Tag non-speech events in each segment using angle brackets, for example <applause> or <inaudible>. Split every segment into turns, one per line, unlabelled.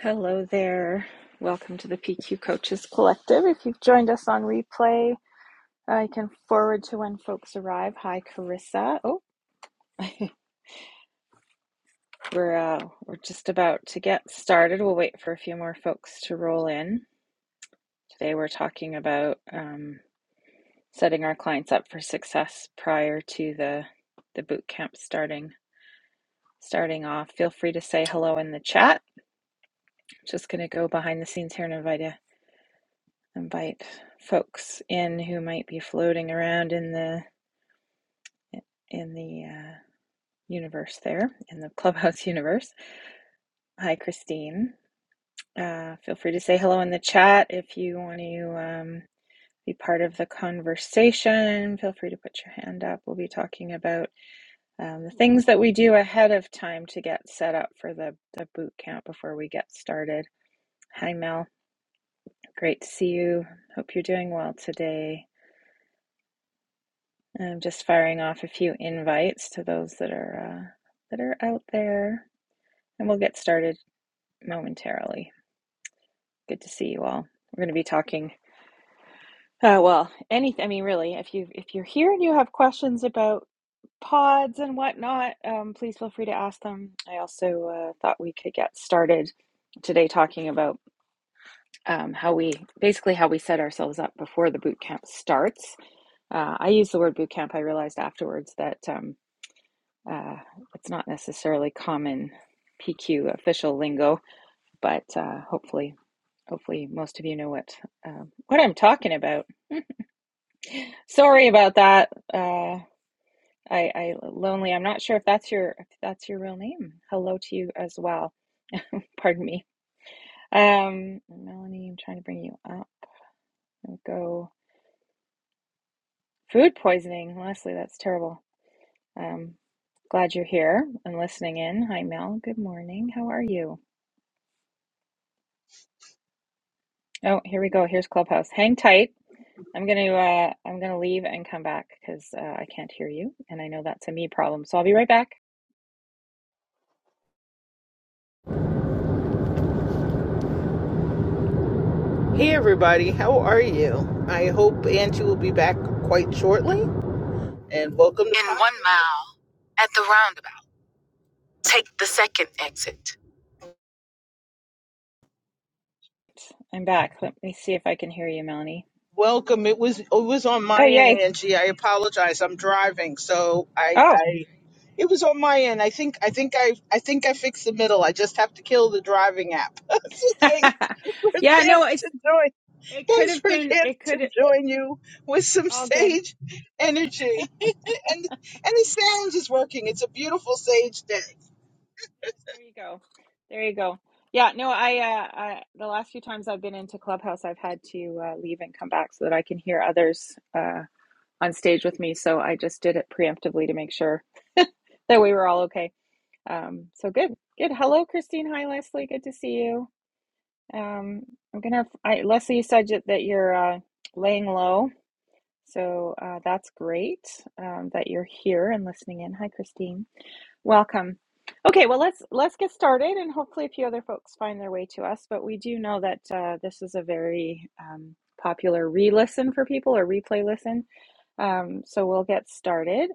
Hello there. Welcome to the PQ Coaches Collective. If you've joined us on replay, I can forward to when folks arrive. Hi, Carissa. Oh, <laughs> we're uh, we're just about to get started. We'll wait for a few more folks to roll in. Today, we're talking about um, setting our clients up for success prior to the the boot camp starting starting off. Feel free to say hello in the chat. Just going to go behind the scenes here and invite you invite folks in who might be floating around in the in the uh, universe there in the <laughs> clubhouse universe hi christine uh, feel free to say hello in the chat if you want to um, be part of the conversation feel free to put your hand up we'll be talking about um, the things that we do ahead of time to get set up for the, the boot camp before we get started hi mel great to see you hope you're doing well today I'm just firing off a few invites to those that are uh, that are out there, and we'll get started momentarily. Good to see you all. We're going to be talking. Uh, well, anything. I mean, really, if you if you're here and you have questions about pods and whatnot, um, please feel free to ask them. I also uh, thought we could get started today talking about um, how we basically how we set ourselves up before the boot camp starts. Uh, I use the word boot camp. I realized afterwards that. Um, Uh, it's not necessarily common PQ official lingo, but uh, hopefully, hopefully, most of you know what um what I'm talking about. Sorry about that. Uh, I, I lonely. I'm not sure if that's your if that's your real name. Hello to you as well. Pardon me. Um, Melanie, I'm trying to bring you up. We'll go food poisoning. Leslie, that's terrible. Um, glad you're here and listening in. Hi, Mel. Good morning. How are you? Oh, here we go. Here's Clubhouse. Hang tight. I'm going to uh, I'm going to leave and come back because uh, I can't hear you, and I know that's a me problem. So I'll be right back.
Hey everybody, how are you? I hope Angie will be back quite shortly. And welcome. To- In one mile, at the roundabout, take the second exit.
I'm back. Let me see if I can hear you, Melanie.
Welcome. It was it was on my
Oh, yay!
end, Angie. I apologize. I'm driving, so I
Oh,
I it was on my end. I think I think I I think I fixed the middle. I just have to kill the driving app. <laughs> so
<laughs>
thanks for
yeah.
Jan
No, it's
to do
it could
Thanks
have
for
been.
that
It
to
could
join you with some
all good.
sage energy. <laughs> and and the sound is working. It's a beautiful sage day.
There you go. There you go. Yeah. No, I, uh, I the last few times I've been into Clubhouse, I've had to uh, leave and come back so that I can hear others uh, on stage with me. So I just did it preemptively to make sure that we were all okay. Um, so good, good. Hello, Christine. Hi, Leslie. Good to see you. Um, I'm gonna. I, Leslie, you said that that you're uh, laying low, so uh, that's great um, that you're here and listening in. Hi, Christine. Welcome. Okay, well let's let's get started, and hopefully a few other folks find their way to us. But we do know that uh, this is a very um, popular re-listen for people or replay listen. Um, so we'll get started.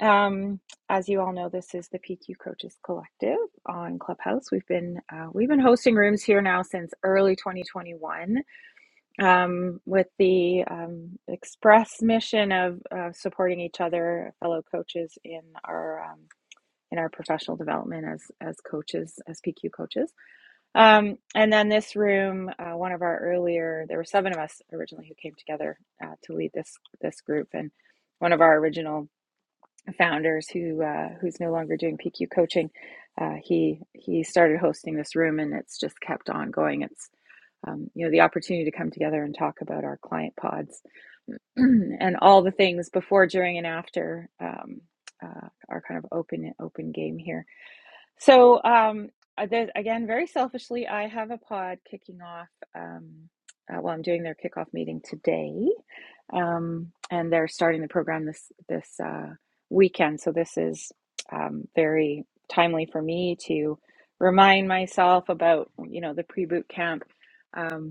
Um, as you all know, this is the PQ Coaches Collective on Clubhouse. We've been uh, we've been hosting rooms here now since early 2021, um, with the um, express mission of uh, supporting each other, fellow coaches in our um, in our professional development as as coaches, as PQ coaches. Um, and then this room, uh, one of our earlier, there were seven of us originally who came together uh, to lead this this group, and one of our original founders who uh, who's no longer doing PQ coaching. Uh, he he started hosting this room, and it's just kept on going. It's um, you know the opportunity to come together and talk about our client pods <clears throat> and all the things before, during, and after um, uh, our kind of open open game here. So, um, uh, again, very selfishly, I have a pod kicking off. Um, uh, well, I'm doing their kickoff meeting today, um, and they're starting the program this this uh, weekend. So this is um, very timely for me to remind myself about you know the pre boot camp. um,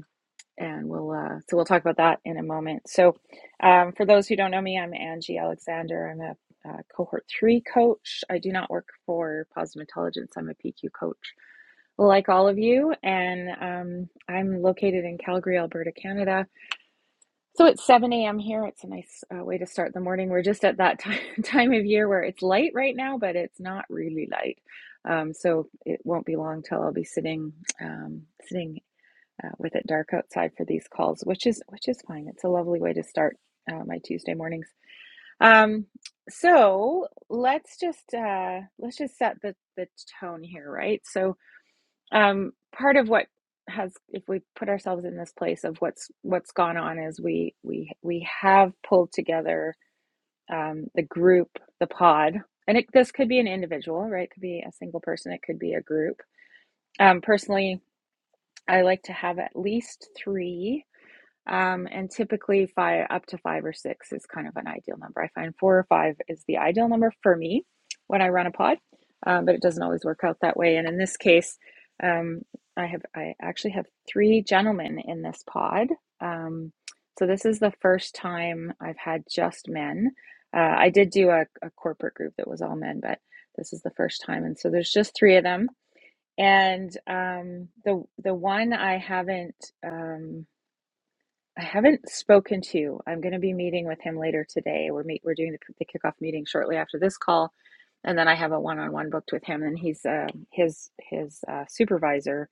and we'll uh, so we'll talk about that in a moment. So, um, for those who don't know me, I'm Angie Alexander. I'm a uh, cohort three coach. I do not work for Positive Intelligence. I'm a PQ coach, like all of you, and um, I'm located in Calgary, Alberta, Canada. So it's 7 a.m. here. It's a nice uh, way to start the morning. We're just at that <laughs> time time of year where it's light right now, but it's not really light. Um, so it won't be long till I'll be sitting um, sitting uh, with it dark outside for these calls, which is which is fine. It's a lovely way to start uh, my Tuesday mornings. Um, so let's just uh, let's just set the the tone here, right? So um, part of what has if we put ourselves in this place of what's what's gone on is we we we have pulled together um, the group, the pod, and it, this could be an individual, right? It could be a single person, it could be a group. Um, personally, I like to have at least three um, and typically five up to five or six is kind of an ideal number. I find four or five is the ideal number for me when I run a pod, um, but it doesn't always work out that way. And in this case, um, I have I actually have three gentlemen in this pod. Um, so this is the first time I've had just men. Uh, I did do a, a corporate group that was all men, but this is the first time, and so there's just three of them. And um, the the one I haven't. Um, I haven't spoken to. I'm going to be meeting with him later today. We're meet, we're doing the, the kickoff meeting shortly after this call, and then I have a one-on-one booked with him. And he's uh, his his uh, supervisor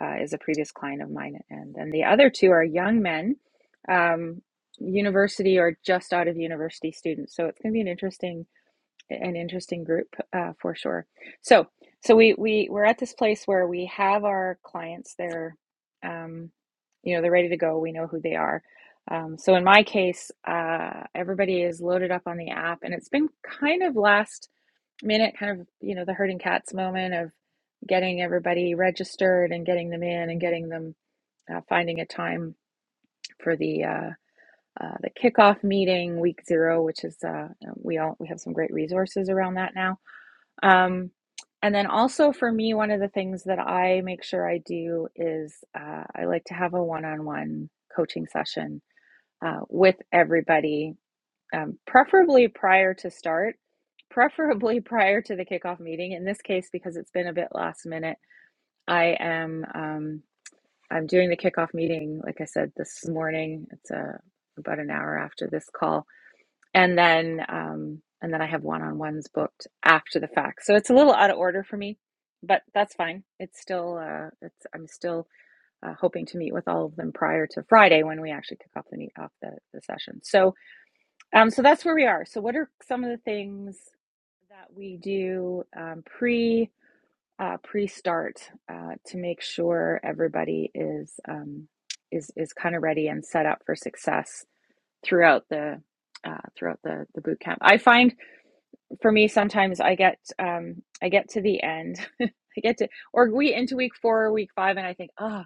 uh, is a previous client of mine, and then the other two are young men, um, university or just out of university students. So it's going to be an interesting an interesting group uh, for sure. So, so we we we're at this place where we have our clients. They're, um, you know, they're ready to go. We know who they are. Um, so in my case, uh, everybody is loaded up on the app, and it's been kind of last minute, kind of you know the herding cats moment of getting everybody registered and getting them in and getting them uh, finding a time for the. Uh, uh, the kickoff meeting week zero, which is uh, we all we have some great resources around that now um, and then also for me, one of the things that I make sure I do is uh, I like to have a one on one coaching session uh, with everybody, um, preferably prior to start, <laughs> preferably prior to the kickoff meeting. In this case, because it's been a bit last minute, I am. Um, I'm doing the kickoff meeting, like I said, this morning. It's uh about an hour after this call and then um, and then I have one on ones booked after the fact. So it's a little out of order for me, but that's fine. It's still uh, it's I'm still uh, hoping to meet with all of them prior to Friday when we actually kick off the meet off the, the session. So um, so that's where we are. So what are some of the things that we do um, pre uh, pre start uh, to make sure everybody is um, is is kind of ready and set up for success throughout the uh, throughout the the boot camp. I find for me sometimes i get um i get to the end <laughs> i get to or we into week four or week five and i think oh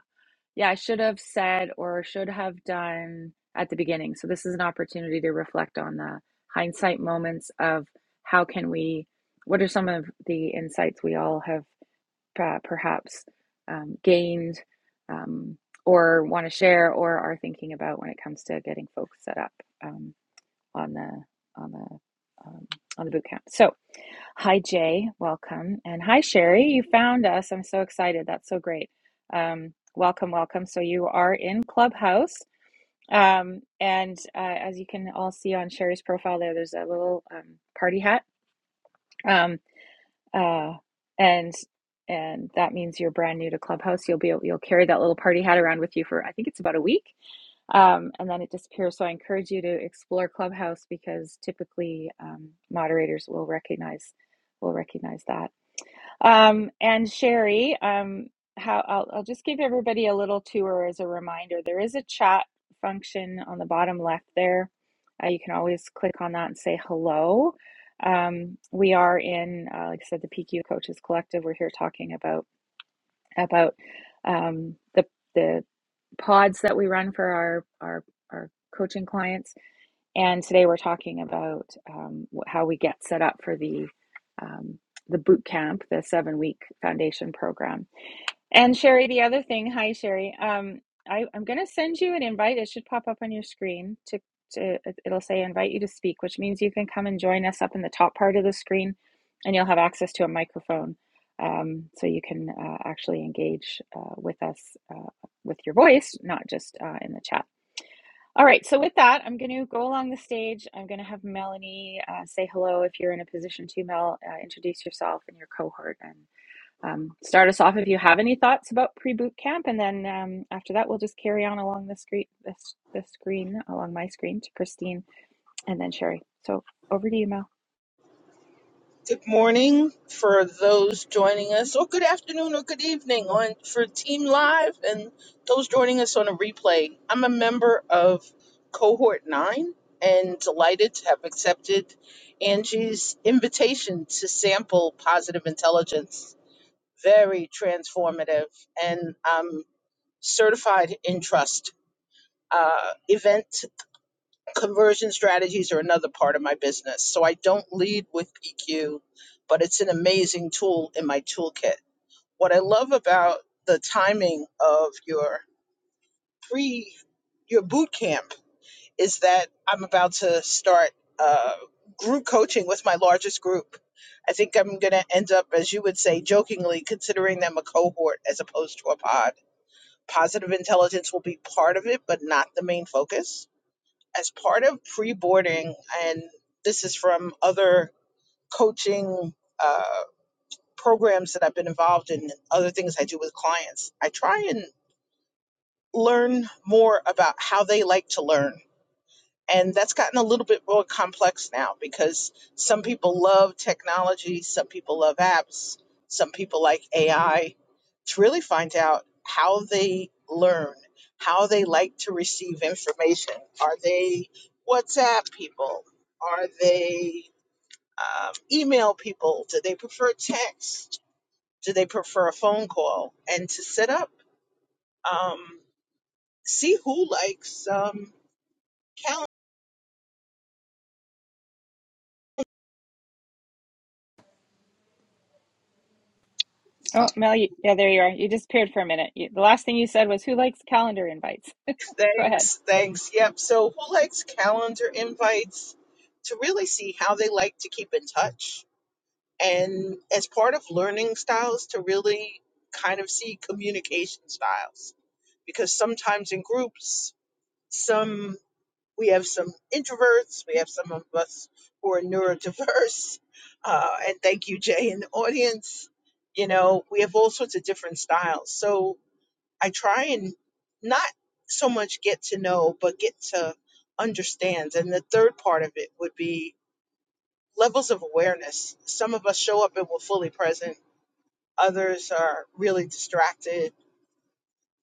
yeah i should have said or should have done at the beginning so this is an opportunity to reflect on the hindsight moments of how can we what are some of the insights we all have uh, perhaps um, gained um, or want to share or are thinking about when it comes to getting folks set up um, on the on the um, on the boot camp. So. Hi, Jay. Welcome. And hi, Sherry. You found us. I'm so excited. That's so great. Um, welcome, welcome. So, you are in Clubhouse. Um, and uh, as you can all see on Sherry's profile there, there's a little um, party hat. Um, uh, and and that means you're brand new to Clubhouse. You'll be able, you'll carry that little party hat around with you for I think it's about a week, um, and then it disappears. So I encourage you to explore Clubhouse because typically um, moderators will recognize will recognize that. Um, and Sherry, um, how I'll, I'll just give everybody a little tour as a reminder. There is a chat function on the bottom left there. Uh, you can always click on that and say hello. Um, we are in, uh, like I said, the PQ Coaches Collective. We're here talking about about um, the the pods that we run for our our our coaching clients and today we're talking about um, how we get set up for the um, the boot camp, the seven week foundation program. And Sherry, the other thing, hi Sherry, um, I, I'm going to send you an invite. It should pop up on your screen. To, to it- it'll say invite you to speak, which means you can come and join us up in the top part of the screen, and you'll have access to a microphone, um, so you can uh, actually engage uh, with us uh, with your voice, not just uh, in the chat. All right, so with that, I'm going to go along the stage. I'm going to have Melanie uh, say hello if you're in a position to, Mel, uh, introduce yourself and your cohort and um, start us off if you have any thoughts about pre boot camp. And then um, after that, we'll just carry on along the screen, this, the screen, along my screen to Christine and then Sherry. So over to you, Mel.
Good morning for those joining us, or good afternoon or good evening on for Team Live and those joining us on a replay. I'm a member of cohort nine and delighted to have accepted Angie's invitation to sample positive intelligence. Very transformative. And um certified in trust. Uh, event conversion strategies are another part of my business. So I don't lead with PQ, but it's an amazing tool in my toolkit. What I love about the timing of your pre your boot camp is that I'm about to start uh, group coaching with my largest group. I think I'm going to end up, as you would say, jokingly considering them a cohort as opposed to a pod Positive intelligence will be part of it, but not the main focus. As part of pre boarding, and this is from other coaching uh, programs that I've been involved in, and other things I do with clients, I try and learn more about how they like to learn and that's gotten a little bit more complex now because some people love technology, some people love apps, some people like AI. To really find out how they learn, how they like to receive information. Are they WhatsApp people? Are they um, email people? Do they prefer text? Do they prefer a phone call? And to set up, um, see who likes um, calendars
Oh,
Oh, Mel, you, yeah, there you are. You disappeared for a minute. You, the last thing you said was, Who likes calendar invites? Go ahead.
Thanks, thanks. Yep. So who likes calendar invites to really see how they like to keep in touch? And as part of learning styles, to really kind of see communication styles. Because sometimes in groups, some we have some introverts, we have some of us who are neurodiverse. <laughs> Uh, and thank you, Jay, in the audience. You know, we have all sorts of different styles. So I try and not so much get to know, but get to understand. And the third part of it would be levels of awareness. Some of us show up and we're fully present, others are really distracted.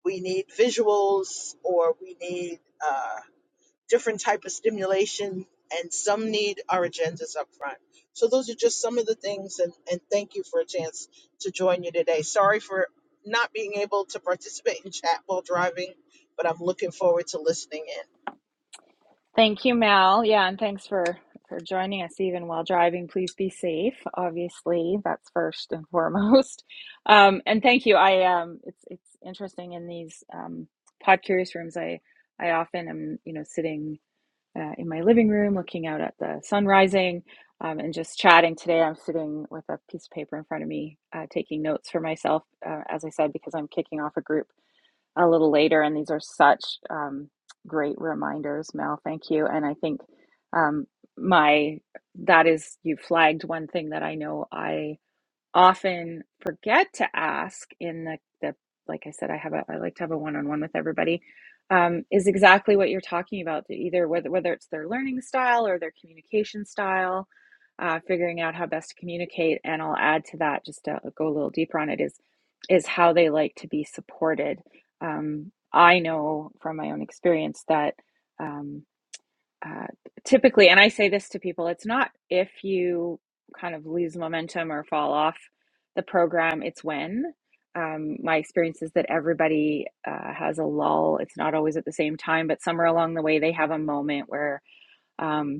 We need visuals or we need. Uh, different type of stimulation and some need our agendas up front so those are just some of the things and, and thank you for a chance to join you today sorry for not being able to participate in chat while driving but i'm looking forward to listening in
Thank you, Mal. Yeah, and thanks for for joining us even while driving. Please be safe. Obviously, that's first and <laughs> foremost. Um, and thank you. I um, it's it's interesting in these um, pod curious rooms. I I often am you know sitting uh, in my living room looking out at the sun rising um, and just chatting. Today, I'm sitting with a piece of paper in front of me, uh, taking notes for myself. Uh, as I said, because I'm kicking off a group a little later. And these are such um, great reminders, Mel. Thank you. And I think um, my that is you flagged one thing that I know I often forget to ask in the, the like I said, I have a I like to have a one on one with everybody, um, is exactly what you're talking about. Either whether whether it's their learning style or their communication style, uh, figuring out how best to communicate. And I'll add to that just to go a little deeper on it is is how they like to be supported. Um, I know from my own experience that. um, uh, typically, and I say this to people, it's not if you kind of lose momentum or fall off the program, it's when. Um, my experience is that everybody uh, has a lull. It's not always at the same time, but somewhere along the way, they have a moment where um,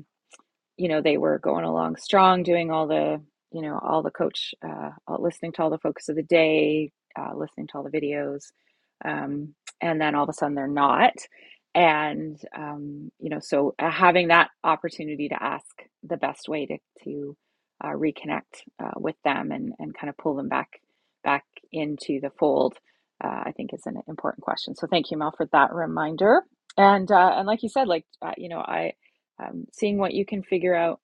you know they were going along strong doing all the you know all the coach uh, all, listening to all the focus of the day uh, listening to all the videos um, and then all of a sudden they're not and um, you know so uh, having that opportunity to ask the best way to to uh, reconnect uh, with them and and kind of pull them back back into the fold uh, i think is an important question so thank you mel for that reminder and uh, and like you said like uh, you know I um, seeing what you can figure out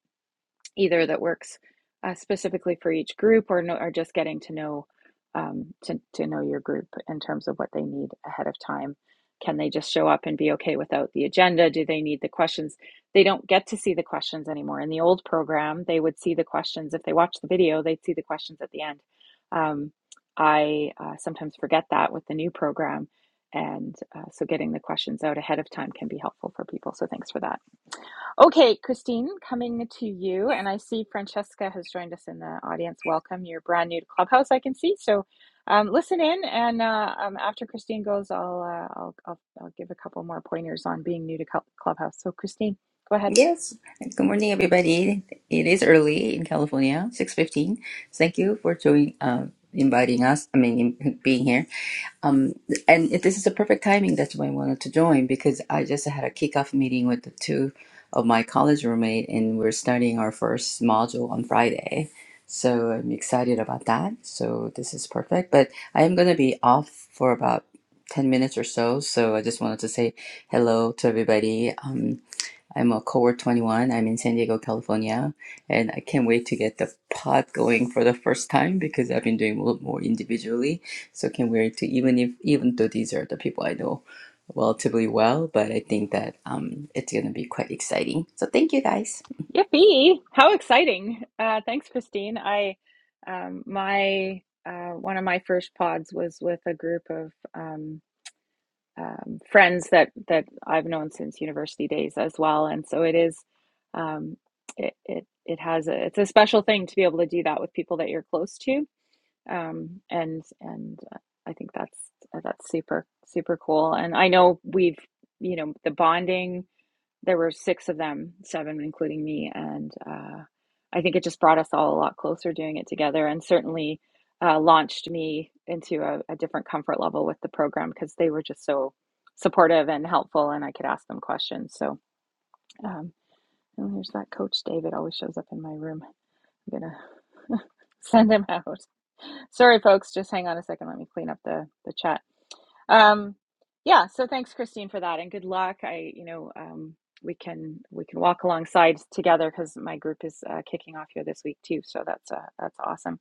either that works uh, specifically for each group or no, or just getting to know um, to, to know your group in terms of what they need ahead of time. Can they just show up and be okay without the agenda? Do they need the questions? They don't get to see the questions anymore. In the old program, they would see the questions. If they watched the video, they'd see the questions at the end. Um, I uh, sometimes forget that with the new program. And uh, so getting the questions out ahead of time can be helpful for people. So thanks for that. Okay, Christine, coming to you, and I see Francesca has joined us in the audience. Welcome. You're brand new to Clubhouse, I can see. So, um, listen in, and uh, um, after Christine goes, I'll, uh, I'll I'll I'll give a couple more pointers on being new to Cl- Clubhouse. So, Christine, go ahead.
yes. Good morning, everybody. It is early in California, six fifteen. Thank you for joining, uh, inviting us. I mean, in- being here. Um, and if this is the perfect timing. That's why I wanted to join because I just had a kickoff meeting with the two of my college roommate, and we're starting our first module on Friday. So I'm excited about that. So this is perfect. But I am gonna be off for about ten minutes or so. So I just wanted to say hello to everybody. Um, I'm a cohort 21. I'm in San Diego, California, and I can't wait to get the pod going for the first time because I've been doing a lot more individually. So can't wait to even if even though these are the people I know relatively well, but I think that um it's gonna be quite exciting. So thank you guys.
Yippee! How exciting! Uh, thanks, Christine. I um, my uh, one of my first pods was with a group of. um, um, friends that that I've known since university days as well, and so it is. Um, it it it has a it's a special thing to be able to do that with people that you're close to, um, and and uh, I think that's uh, that's super super cool. And I know we've you know the bonding there were six of them, seven including me, and uh, I think it just brought us all a lot closer doing it together, and certainly uh, launched me into a, a different comfort level with the program because they were just so supportive and helpful, and I could ask them questions. So, um, and there's that coach David always shows up in my room. I'm gonna <laughs> send him out. Sorry, folks, just hang on a second. Let me clean up the the chat. Um, yeah, so thanks, Christine, for that, and good luck. I, you know, um, we can we can walk alongside together because my group is uh, kicking off here this week too. So that's uh, that's awesome.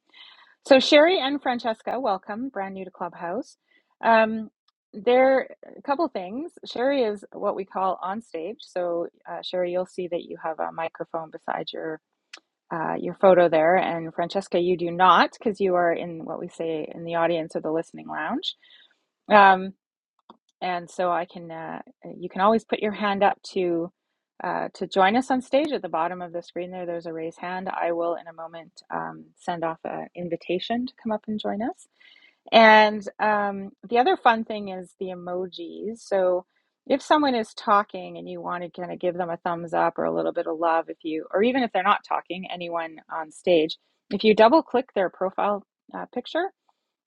So Sherry and Francesca, welcome, brand new to Clubhouse. Um, there a couple things. Sherry is what we call on stage. So uh, Sherry, you'll see that you have a microphone beside your uh, your photo there, and Francesca, you do not because you are in what we say in the audience or the listening lounge. Um, and so I can, uh, you can always put your hand up to uh, to join us on stage at the bottom of the screen. There, there's a raise hand. I will in a moment um, send off an invitation to come up and join us. And um, the other fun thing is the emojis. So if someone is talking and you want to kind of give them a thumbs up or a little bit of love, if you, or even if they're not talking, anyone on stage, if you double click their profile uh, picture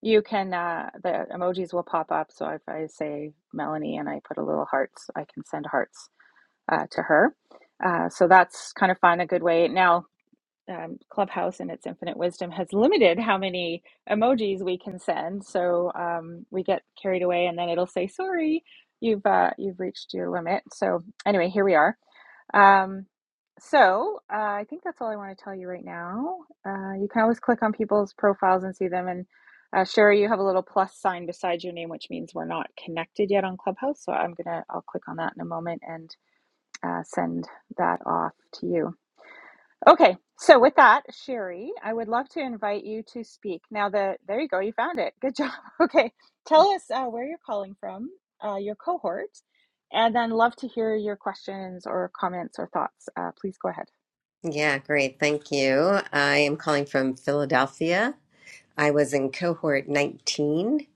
you can, uh, the emojis will pop up. So if I say Melanie and I put a little hearts, I can send hearts uh, to her. Uh, so that's kind of fun, a good way. Now, um, Clubhouse and its infinite wisdom has limited how many emojis we can send. So um, we get carried away and then it'll say, sorry, you've uh, you've reached your limit. So anyway, here we are. Um, so uh, I think that's all I want to tell you right now. Uh, you can always click on people's profiles and see them. And uh, Sherry, you have a little plus sign beside your name, which means we're not connected yet on Clubhouse. So I'm gonna I'll click on that in a moment and uh, send that off to you. Okay, so with that, Sherry, I would love to invite you to speak. Now, the there you go, you found it. Good job. <laughs> Okay, tell us uh, where you're calling from, uh, your cohort, and then love to hear your questions or comments or thoughts. Uh, please go ahead.
Yeah, great. Thank you. I am calling from Philadelphia. I was in cohort 19.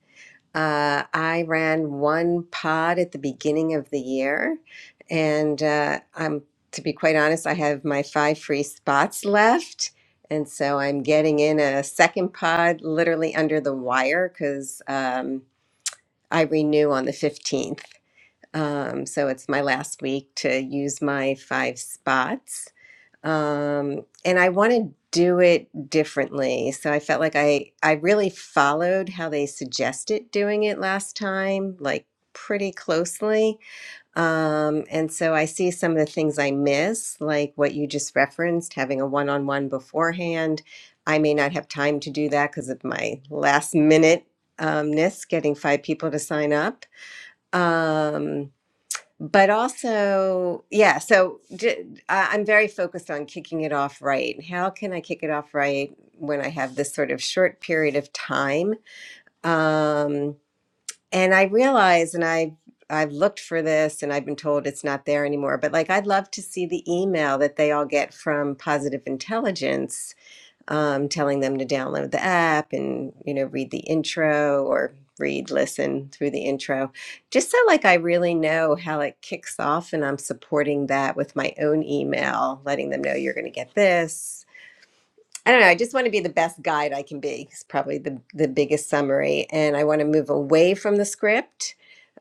Uh, I ran one pod at the beginning of the year, and uh, I'm to be quite honest, I have my five free spots left. And so I'm getting in a second pod literally under the wire because um, I renew on the 15th. Um, so it's my last week to use my five spots um, and I want to do it differently. So I felt like I I really followed how they suggested doing it last time, like pretty closely. Um, and so I see some of the things I miss, like what you just referenced, having a one-on-one beforehand. I may not have time to do that because of my last minute umness, getting five people to sign up. Um, but also yeah so j- I- i'm very focused on kicking it off right how can i kick it off right when i have this sort of short period of time um and i realize and i i've looked for this and i've been told it's not there anymore but like i'd love to see the email that they all get from positive intelligence um, telling them to download the app and you know read the intro or read listen through the intro just so like i really know how it kicks off and i'm supporting that with my own email letting them know you're going to get this i don't know i just want to be the best guide i can be it's probably the, the biggest summary and i want to move away from the script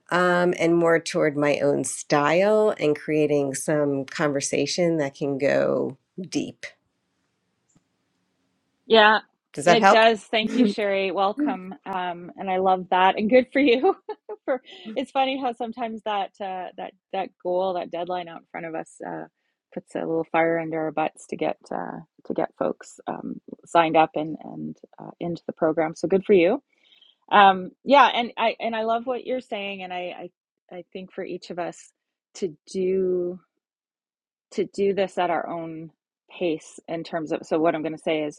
um, and more toward my own style and creating some conversation that can go deep
Yeah,
does that
it
help
does. Thank you, Sherry. Welcome. Um, and I love that. And good for you. <laughs> for it's funny how sometimes that uh, that that goal, that deadline out in front of us, uh, puts a little fire under our butts to get uh, to get folks um, signed up and and uh, into the program. So good for you. Um, yeah, and I and I love what you're saying. And I I, I think for each of us to do to do this at our own pace in terms of so what i'm going to say is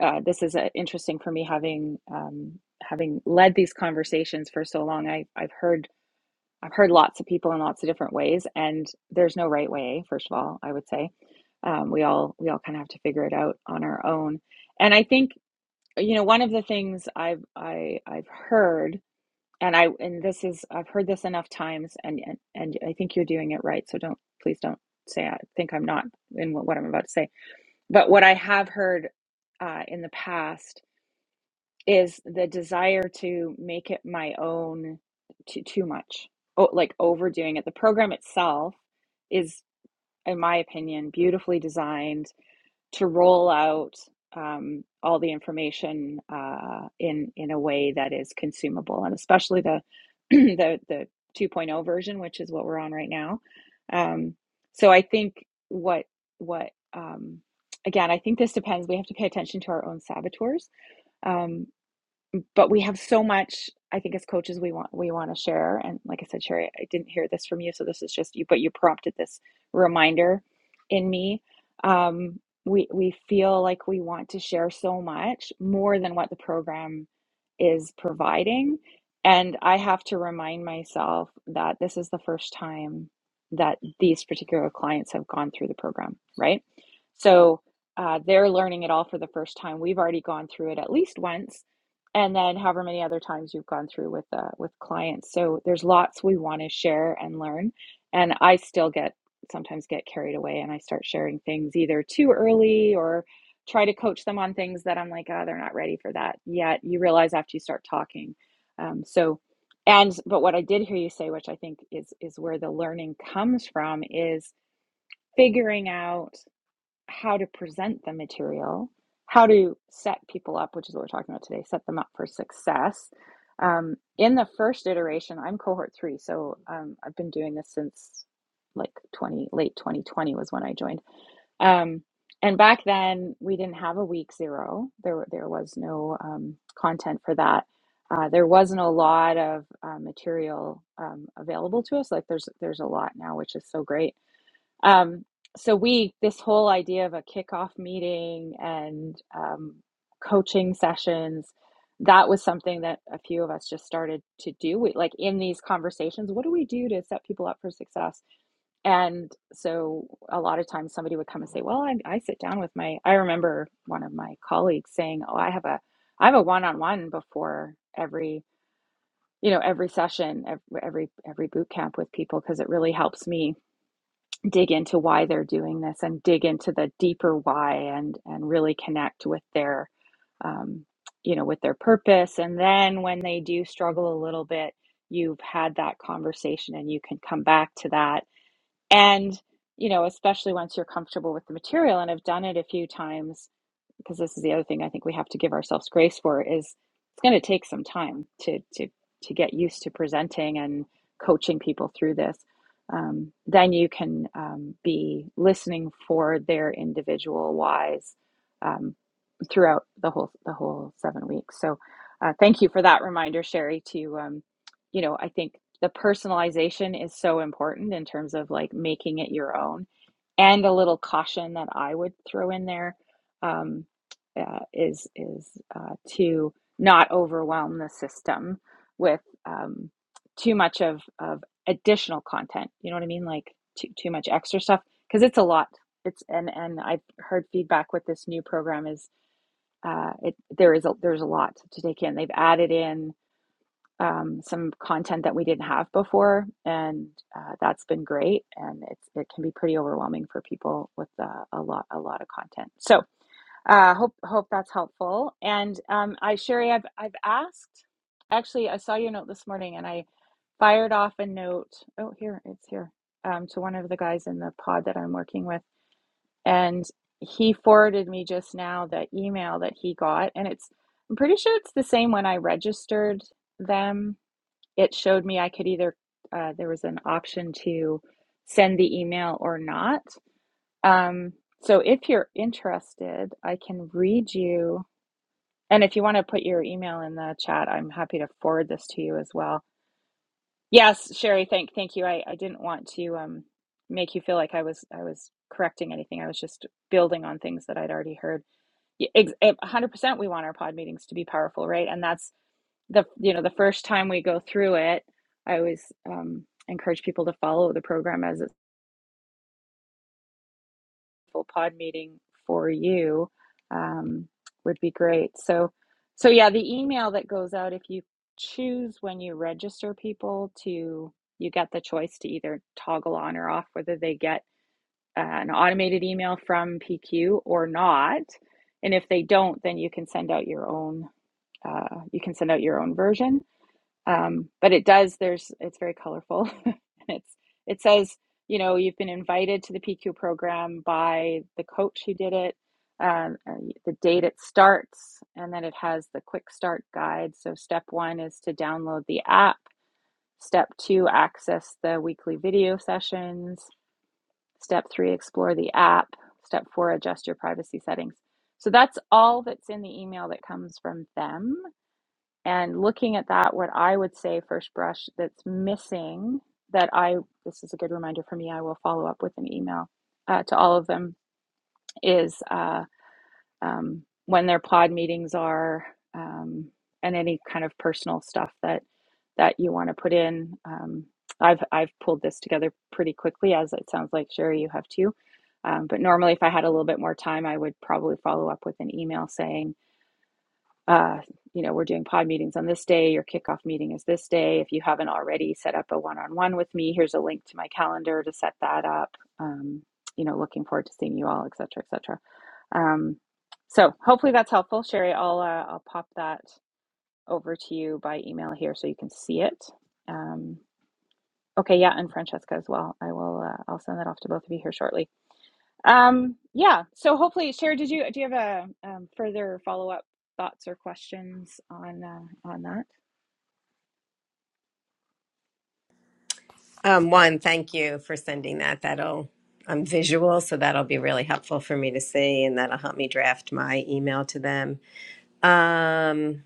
uh, this is uh, interesting for me having um, having led these conversations for so long. I, I've heard I've heard lots of people in lots of different ways, and there's no right way. First of all, I would say um, we all we all kind of have to figure it out on our own. And I think you know one of the things I've I, I've heard, and I and this is I've heard this enough times, and and, and I think you're doing it right. So don't please don't say I think I'm not in what, what I'm about to say. But what I have heard uh, in the past is the desire to make it my own too too much oh, like overdoing it the program itself is in my opinion beautifully designed to roll out um, all the information uh, in in a way that is consumable and especially the <clears throat> the the 2.0 point oh version which is what we're on right now um, so I think what what um, again I think this depends we have to pay attention to our own saboteurs Um, um, but we have so much i think as coaches we want we want to share and like i said sherry i didn't hear this from you so this is just you but you prompted this reminder in me um, we we feel like we want to share so much more than what the program is providing and i have to remind myself that this is the first time that these particular clients have gone through the program right so uh, they're learning it all for the first time we've already gone through it at least once and then however many other times you've gone through with uh, with clients so there's lots we want to share and learn and i still get sometimes get carried away and i start sharing things either too early or try to coach them on things that i'm like oh they're not ready for that yet you realize after you start talking um, so and but what i did hear you say which i think is is where the learning comes from is figuring out how to present the material, how to set people up, which is what we're talking about today, set them up for success. Um, in the first iteration, I'm cohort three, so um, I've been doing this since like 20, late 2020 was when I joined. Um, and back then, we didn't have a week zero. There, there was no um, content for that. Uh, there wasn't a lot of uh, material um, available to us. Like there's, there's a lot now, which is so great um, so we, this whole idea of a kickoff meeting and um, coaching sessions, that was something that a few of us just started to do. We, like in these conversations, what do we do to set people up for success? And so a lot of times somebody would come and say, well, I, I sit down with my, I remember one of my colleagues saying, oh, I have a, I have a one-on-one before every, you know, every session, every, every, every boot camp with people, because it really helps me dig into why they're doing this and dig into the deeper why and and really connect with their um, you know with their purpose and then when they do struggle a little bit you've had that conversation and you can come back to that and you know especially once you're comfortable with the material and have done it a few times because this is the other thing I think we have to give ourselves grace for is it's going to take some time to to to get used to presenting and coaching people through this. Um, then you can um, be listening for their individual whys um, throughout the whole the whole seven weeks. So, uh, thank you for that reminder, Sherry. To um, you know, I think the personalization is so important in terms of like making it your own, and a little caution that I would throw in there um, uh, is is uh, to not overwhelm the system with um, too much of of additional content. You know what I mean? Like too too much extra stuff because it's a lot. It's and and I've heard feedback with this new program is uh, it, there is a, there's a lot to take in. They've added in um, some content that we didn't have before, and uh, that's been great. And it's it can be pretty overwhelming for people with uh, a lot a lot of content. So uh, hope hope that's helpful. And um, I Sherry, I've I've asked. Actually, I saw your note this morning, and I fired off a note. Oh, here it's here um, to one of the guys in the pod that I'm working with and he forwarded me just now the email that he got, and it's, I'm pretty sure it's the same when I registered them. It showed me I could either, uh, there was an option to send the email or not. Um, so if you're interested, I can read you. And if you want to put your email in the chat, I'm happy to forward this to you as well. Yes, Sherry, thank thank you. I, I didn't want to um, make you feel like I was I was correcting anything. I was just building on things that I'd already heard. Y- ex- eh, 100% we want our pod meetings to be powerful right and that's the you know the first time we go through it i always um, encourage people to follow the program as a full pod meeting for you um, would be great so so yeah the email that goes out if you choose when you register people to you get the choice to either toggle on or off whether they get uh, an automated email from pq or not and if they don't then you can send out your own uh, you can send out your own version um, but it does there's it's very colorful <laughs> and it's it says you know you've been invited to the pq program by the coach who did it um, uh, the date it starts and then it has the quick start guide so step one is to download the app step two access the weekly video sessions step three explore the app step four adjust your privacy settings so that's all that's in the email that comes from them and looking at that, what I would say first brush that's missing that I, this is a good reminder for me, I will follow up with an email uh, to all of them, is uh, um, when their pod meetings are um, and any kind of personal stuff that that you want to put in. Um, I've, I've pulled this together pretty quickly, as it sounds like, Sherry, you have too. Um, but normally, if I had a little bit more time, I would probably follow up with an email saying, uh, you know, we're doing pod meetings on this day. Your kickoff meeting is this day. If you haven't already set up a one on one with me, here's a link to my calendar to set that up. Um, you know, looking forward to seeing you all, et cetera, et cetera. Um, so hopefully that's helpful. Sherry, I'll, uh, I'll pop that over to you by email here so you can see it. Um, okay, yeah, and Francesca as well. I will, uh, I'll send that off to both of you here shortly. Um, yeah. So hopefully, Sherry, did you do you have a um, further follow up thoughts or questions on uh, on that?
Um, one, thank you for sending that. That'll I'm visual, so that'll be really helpful for me to see, and that'll help me draft my email to them. Um,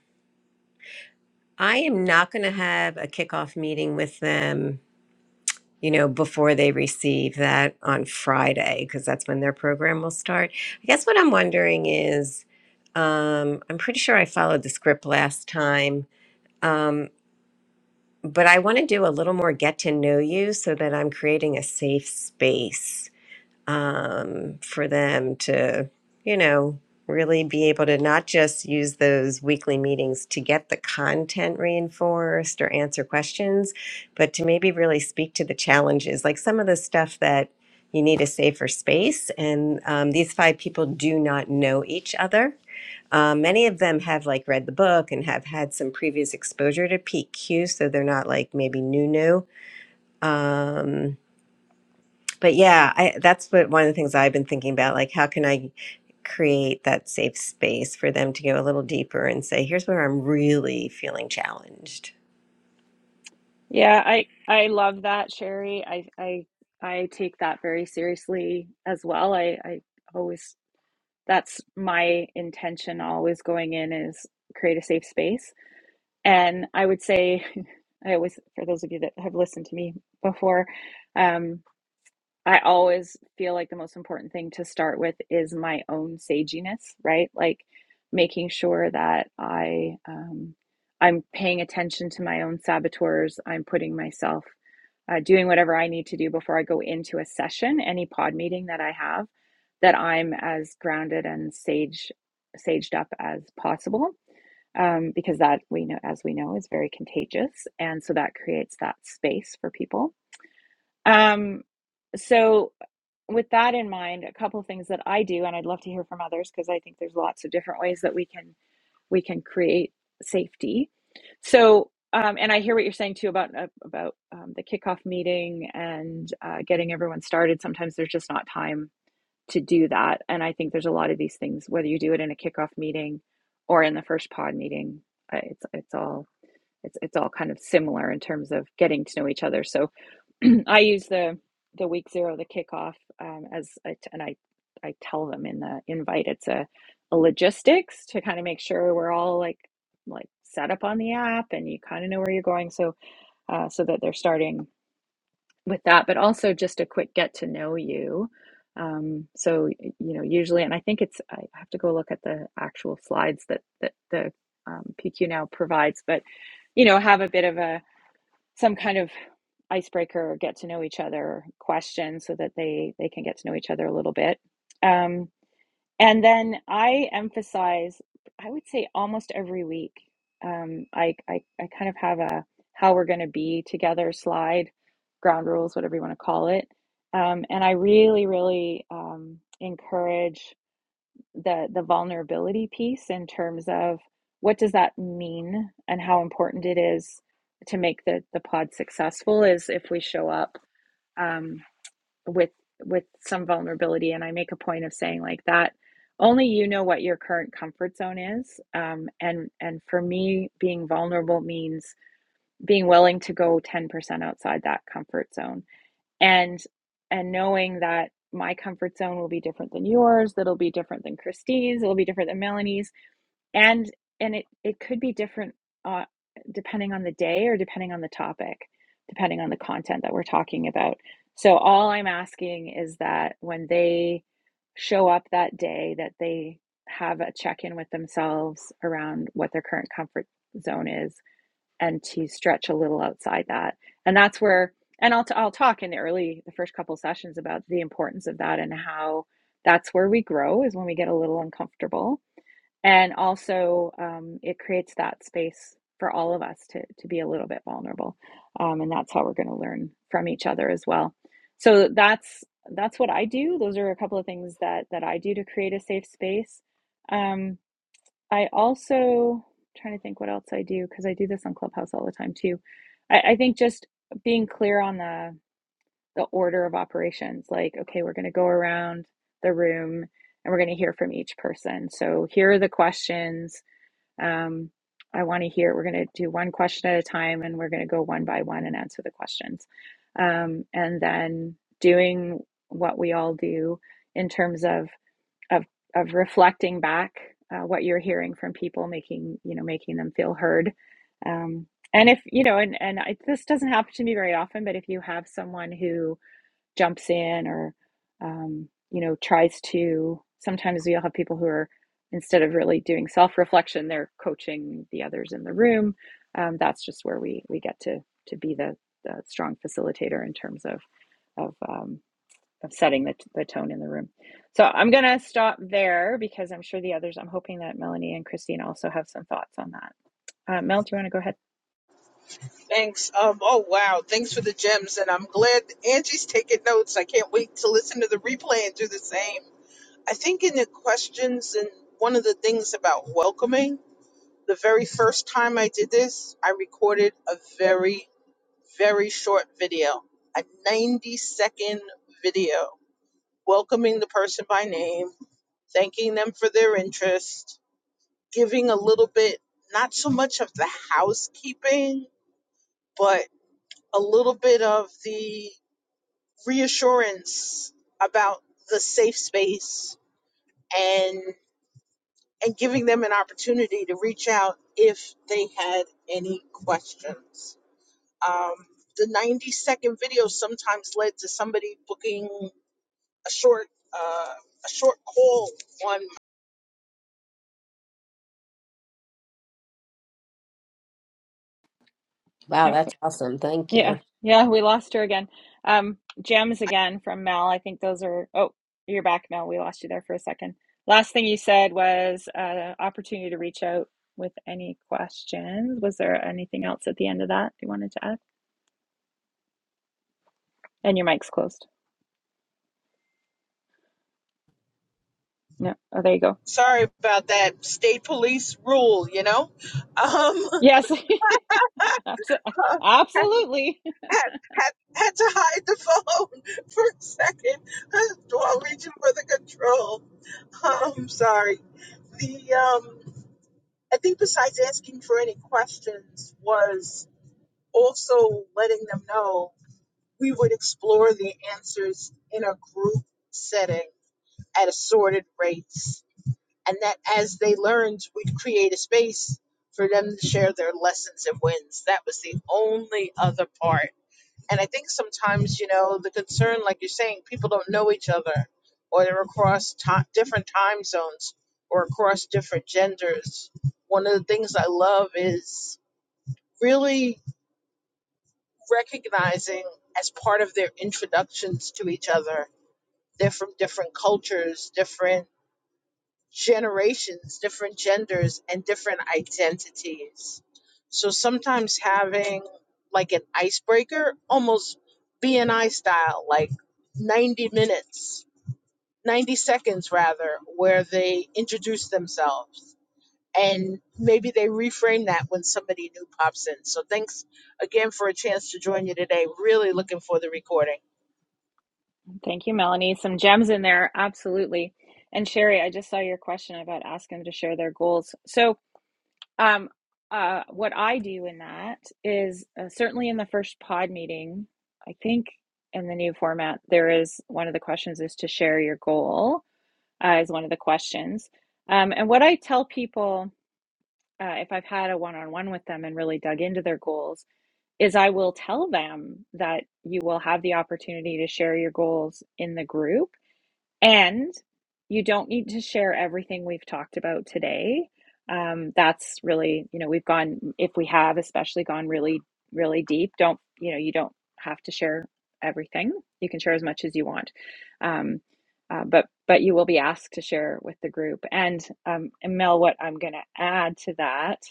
I am not going to have a kickoff meeting with them, you know, before they receive that on Friday, because that's when their program will start. I guess what I'm wondering is, um, I'm pretty sure I followed the script last time, um, but I want to do a little more get to know you so that I'm creating a safe space um, for them to, you know, really be able to not just use those weekly meetings to get the content reinforced or answer questions, but to maybe really speak to the challenges, like some of the stuff that you need a safer space. And um, these five people do not know each other. Um, many of them have like read the book and have had some previous exposure to PQ, so they're not like maybe new new. Um, but yeah, I, that's what one of the things I've been thinking about. Like, how can I create that safe space for them to go a little deeper and say, here's where I'm really feeling challenged?
Yeah, I I love that, Sherry. I I I take that very seriously as well. I I always that's my intention always going in is create a safe space. And I would say <laughs> I always for those of you that have listened to me before, um, I always feel like the most important thing to start with is my own saginess, right? Like making sure that I um, I'm paying attention to my own saboteurs. I'm putting myself uh, doing whatever I need to do before I go into a session, any pod meeting that I have, that I'm as grounded and sage saged up as possible, um, because that we know, as we know, is very contagious, and so that creates that space for people. Um, so with that in mind, a couple of things that I do, and I'd love to hear from others because I think there's lots of different ways that we can we can create safety. So, um, and I hear what you're saying too about uh, about um, the kickoff meeting and uh, getting everyone started. Sometimes there's just not time to do that, and I think there's a lot of these things. Whether you do it in a kickoff meeting or in the first pod meeting, uh, it's it's all it's it's all kind of similar in terms of getting to know each other. So <clears throat> I use the the week zero, the kickoff, um, as I t- and I I tell them in the invite it's a, a logistics to kind of make sure we're all like like set up on the app and you kind of know where you're going, so uh, so that they're starting with that, but also just a quick get to know you. Um, so you know, usually, and I think it's I have to go look at the actual slides that that the um, PQ now provides, but you know, have a bit of a some kind of icebreaker or get to know each other question so that they they can get to know each other a little bit um, and then i emphasize i would say almost every week um, I, I i kind of have a how we're going to be together slide ground rules whatever you want to call it um, and i really really um, encourage the the vulnerability piece in terms of what does that mean and how important it is to make the the pod successful is if we show up um, with with some vulnerability and I make a point of saying like that only you know what your current comfort zone is um, and and for me being vulnerable means being willing to go 10% outside that comfort zone and and knowing that my comfort zone will be different than yours that'll be different than Christine's, it'll be different than melanie's and and it it could be different uh, depending on the day or depending on the topic depending on the content that we're talking about so all i'm asking is that when they show up that day that they have a check-in with themselves around what their current comfort zone is and to stretch a little outside that and that's where and i'll, t- I'll talk in the early the first couple of sessions about the importance of that and how that's where we grow is when we get a little uncomfortable and also um, it creates that space for all of us to, to be a little bit vulnerable um, and that's how we're going to learn from each other as well so that's that's what i do those are a couple of things that that i do to create a safe space um, I also I'm trying to think what else I do because I do this on Clubhouse all the time too. I, I think just being clear on the the order of operations, like okay, we're going to go around the room and we're going to hear from each person. So here are the questions. Um, I want to hear. We're going to do one question at a time, and we're going to go one by one and answer the questions. Um, and then doing what we all do in terms of of of reflecting back uh, what you're hearing from people, making you know making them feel heard. Um, and if you know, and and I, this doesn't happen to me very often, but if you have someone who jumps in or um, you know tries to, sometimes you'll have people who are instead of really doing self reflection, they're coaching the others in the room. Um, that's just where we we get to to be the, the strong facilitator in terms of of um, of setting the, the tone in the room. So I'm going to stop there because I'm sure the others, I'm hoping that Melanie and Christine also have some thoughts on that. Uh, Mel, do you want to go ahead?
Thanks. Um, oh wow, thanks for the gems, and I'm glad Angie's taking notes. I can't wait to listen to the replay and do the same. I think in the questions and one of the things about welcoming, the very first time I did this, I recorded a very, very short video, a 90 second video, welcoming the person by name, thanking them for their interest, giving a little bit, not so much of the housekeeping, but a little bit of the reassurance about the safe space and. and giving them an opportunity to reach out if they had any questions. Um, the 90 second video sometimes led to somebody booking a short uh, a short call on
Wow,
No.
that's awesome. Thank
Yeah.
you.
Yeah. We lost her again. Um, gems again from Mel. I think those are, oh, you're back, Mel. We lost you there for a second. Last thing you said was uh, opportunity to reach out with any questions. Was there anything else at the end of that you wanted to add? And your mic's closed. No. Oh, there you go.
sorry about that state police rule you know um <laughs>
Yes. <laughs> Abso- Absolutely.
had, had, had to hide the phone <laughs> for a second <laughs> while reaching for the control i'm sorry the um I think besides asking for any questions was also letting them know we would explore the answers in a group setting at assorted rates. And that as they learned, we'd create a space for them to share their lessons and wins. That was the only other part and I think sometimes, you know, the concern, like you're saying, people don't know each other or they're across ti different time zones or across different genders. One of the things I love is really recognizing as part of their introductions to each other, they're from different cultures, different generations, different genders, and different identities. So sometimes having like an icebreaker, almost BNI style, like 90 minutes, 90 seconds rather, where they introduce themselves. And maybe they reframe that when somebody new pops in. So thanks again for a chance to join you today. Really looking for the recording.
Thank you, Melanie. Some gems in there, absolutely. And Sherry, I just saw your question about asking them to share their goals. So, um, uh, what I do in that is uh, certainly in the first pod meeting, I think in the new format, there is one of the questions is to share your goal, uh, is one of the questions. Um, and what I tell people, uh, if I've had a one on one with them and really dug into their goals, is I will tell them that you will have the opportunity to share your goals in the group and you don't need to share everything we've talked about today. Um, that's really, you know, we've gone, if we have especially gone really, really deep, don't, you know, you don't have to share everything. You can share as much as you want. Um, uh, but but you will be asked to share with the group. And um, and Mel, what I'm going to add to that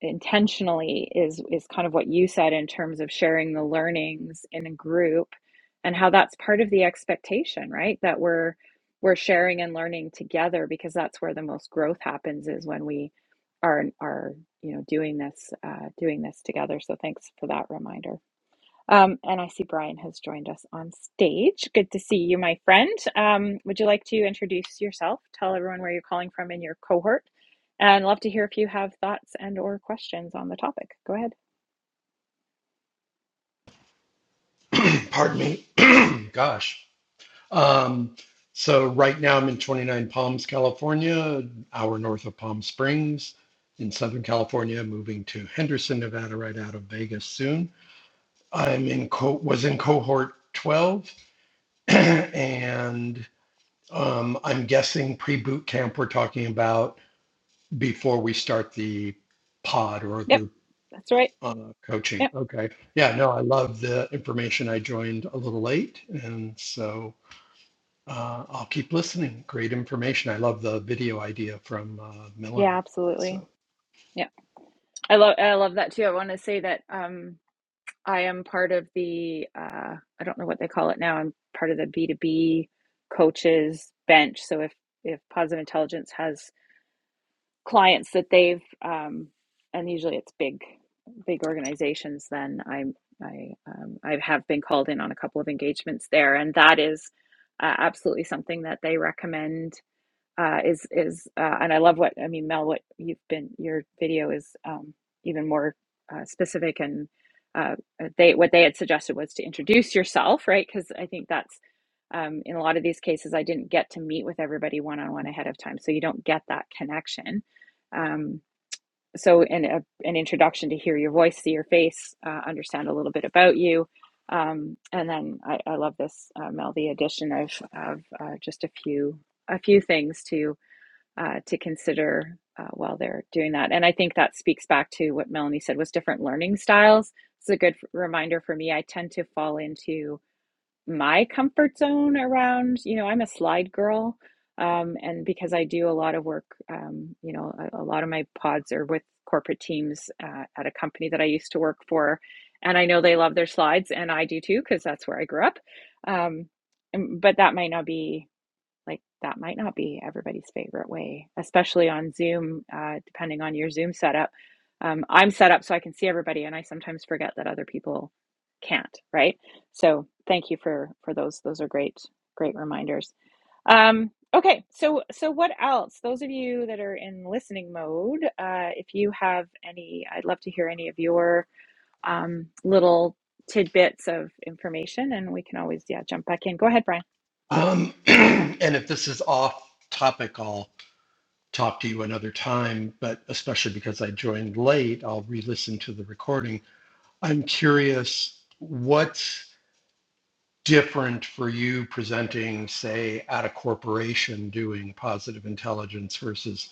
intentionally is is kind of what you said in terms of sharing the learnings in a group and how that's part of the expectation right that we're we're sharing and learning together because that's where the most growth happens is when we are are you know doing this uh, doing this together so thanks for that reminder um, and I see Brian has joined us on stage. Good to see you, my friend. Um, would you like to introduce yourself? Tell everyone where you're calling from in your cohort, and love to hear if you have thoughts and or questions on the topic. Go ahead.
<clears throat> Pardon me. <clears throat> Gosh. Um, so right now I'm in 29 Palms, California, an hour north of Palm Springs in Southern California, moving to Henderson, Nevada, right out of Vegas soon. I'm in co- was in cohort 12 <clears throat> and um, I'm guessing pre-boot camp we're talking about before we start the pod or
Yep,
group
that's right.
uh, coaching.
Yep,
Okay. Yeah, no, I love the information. I joined a little late and so uh, I'll keep listening. Great information. I love the video idea from uh,
yeah,
Melanie.
absolutely.
So,
Yeah, I love I love that too. I want to say that um, I am part of the uh, I don't know what they call it now. I'm part of the B two B coaches bench. So if if Positive Intelligence has clients that they've um, and usually it's big big organizations then i'm i um, i have been called in on a couple of engagements there and that is uh, absolutely something that they recommend uh, is is uh, and I love what I mean, Mel. What you've been your video is um, even more uh, specific, and uh, uh, they what they had suggested was to introduce yourself, right? Because I think that's um, in a lot of these cases, I didn't get to meet with everybody one on one ahead of time, so you don't get that connection. Um, so, in a, an introduction to hear your voice, see your face, uh, understand a little bit about you. Um, and then I, I love this, uh, Mel, the addition of, of uh, just a few a few things to uh, to consider uh, while they're doing that. And I think that speaks back to what Melanie said was different learning styles. It's a good reminder for me. I tend to fall into my comfort zone around, you know, I'm a slide girl. Um, and because I do a lot of work, um, you know, a, a lot of my pods are with corporate teams uh, at a company that I used to work for. And I know they love their slides, and I do too, because that's where I grew up. Um, but that might not be like that might not be everybody's favorite way, especially on Zoom, uh, depending on your Zoom setup. Um, I'm set up so I can see everybody, and I sometimes forget that other people can't, right? So thank you for for those. Those are great, great reminders. Um, okay, so so what else? Those of you that are in listening mode, uh, if you have any, I'd love to hear any of your um, little tidbits of information, and we can always yeah jump back in. Go ahead, Brian.
um, <clears throat> and if this is off topic, I'll talk to you another time. But especially because I joined late, I'll re-listen to the recording. I'm curious what's different for you presenting, say, at a corporation doing positive intelligence versus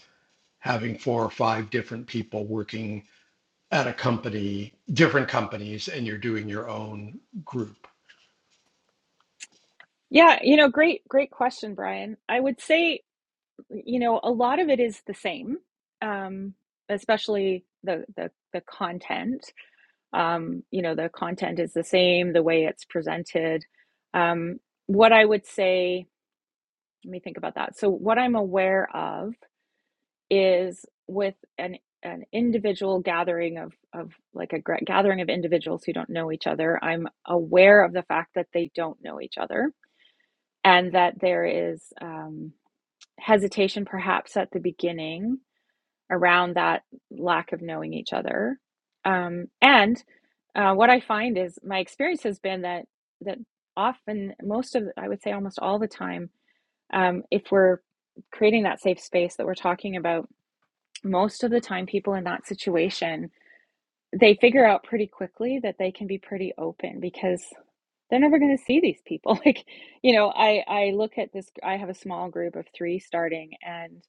having four or five different people working at a company, different companies, and you're doing your own group.
Yeah, you know, great, great question, Brian. I would say, you know, a lot of it is the same, um, especially the the the content. Um, you know, the content is the same, the way it's presented. Um, what I would say, let me think about that. So, what I'm aware of is with an an individual gathering of of like a gra- gathering of individuals who don't know each other, I'm aware of the fact that they don't know each other and that there is. Um, hesitation perhaps at the beginning around that lack of knowing each other um, and uh, what i find is my experience has been that that often most of i would say almost all the time um, if we're creating that safe space that we're talking about most of the time people in that situation they figure out pretty quickly that they can be pretty open because they're never going to see these people <laughs> like you know i i look at this i have a small group of three starting and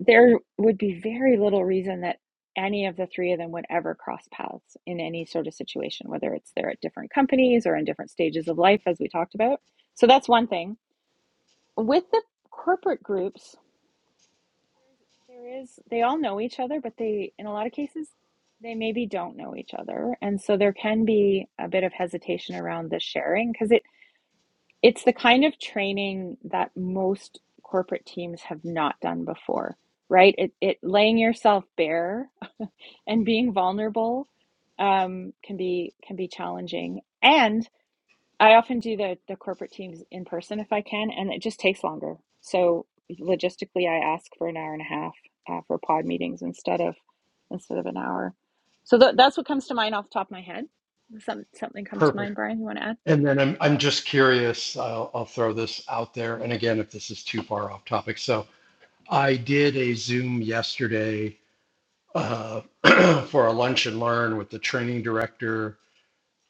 there would be very little reason that any of the three of them would ever cross paths in any sort of situation, whether it's they're at different companies or in different stages of life, as we talked about. So that's one thing. With the corporate groups, there is they all know each other, but they in a lot of cases they maybe don't know each other, and so there can be a bit of hesitation around the sharing because it. It's the kind of training that most corporate teams have not done before, right? It, it laying yourself bare <laughs> and being vulnerable um, can be can be challenging. And I often do the the corporate teams in person if I can, and it just takes longer. So logistically, I ask for an hour and a half uh, for pod meetings instead of instead of an hour. So tha- that's what comes to mind off the top of my head. Some something come to mind,
Perfect.
Brian? You want to add?
And then I'm I'm just curious. I'll I'll throw this out there. And again, if this is too far off topic, so I did a Zoom yesterday uh, <clears throat> for a lunch and learn with the training director,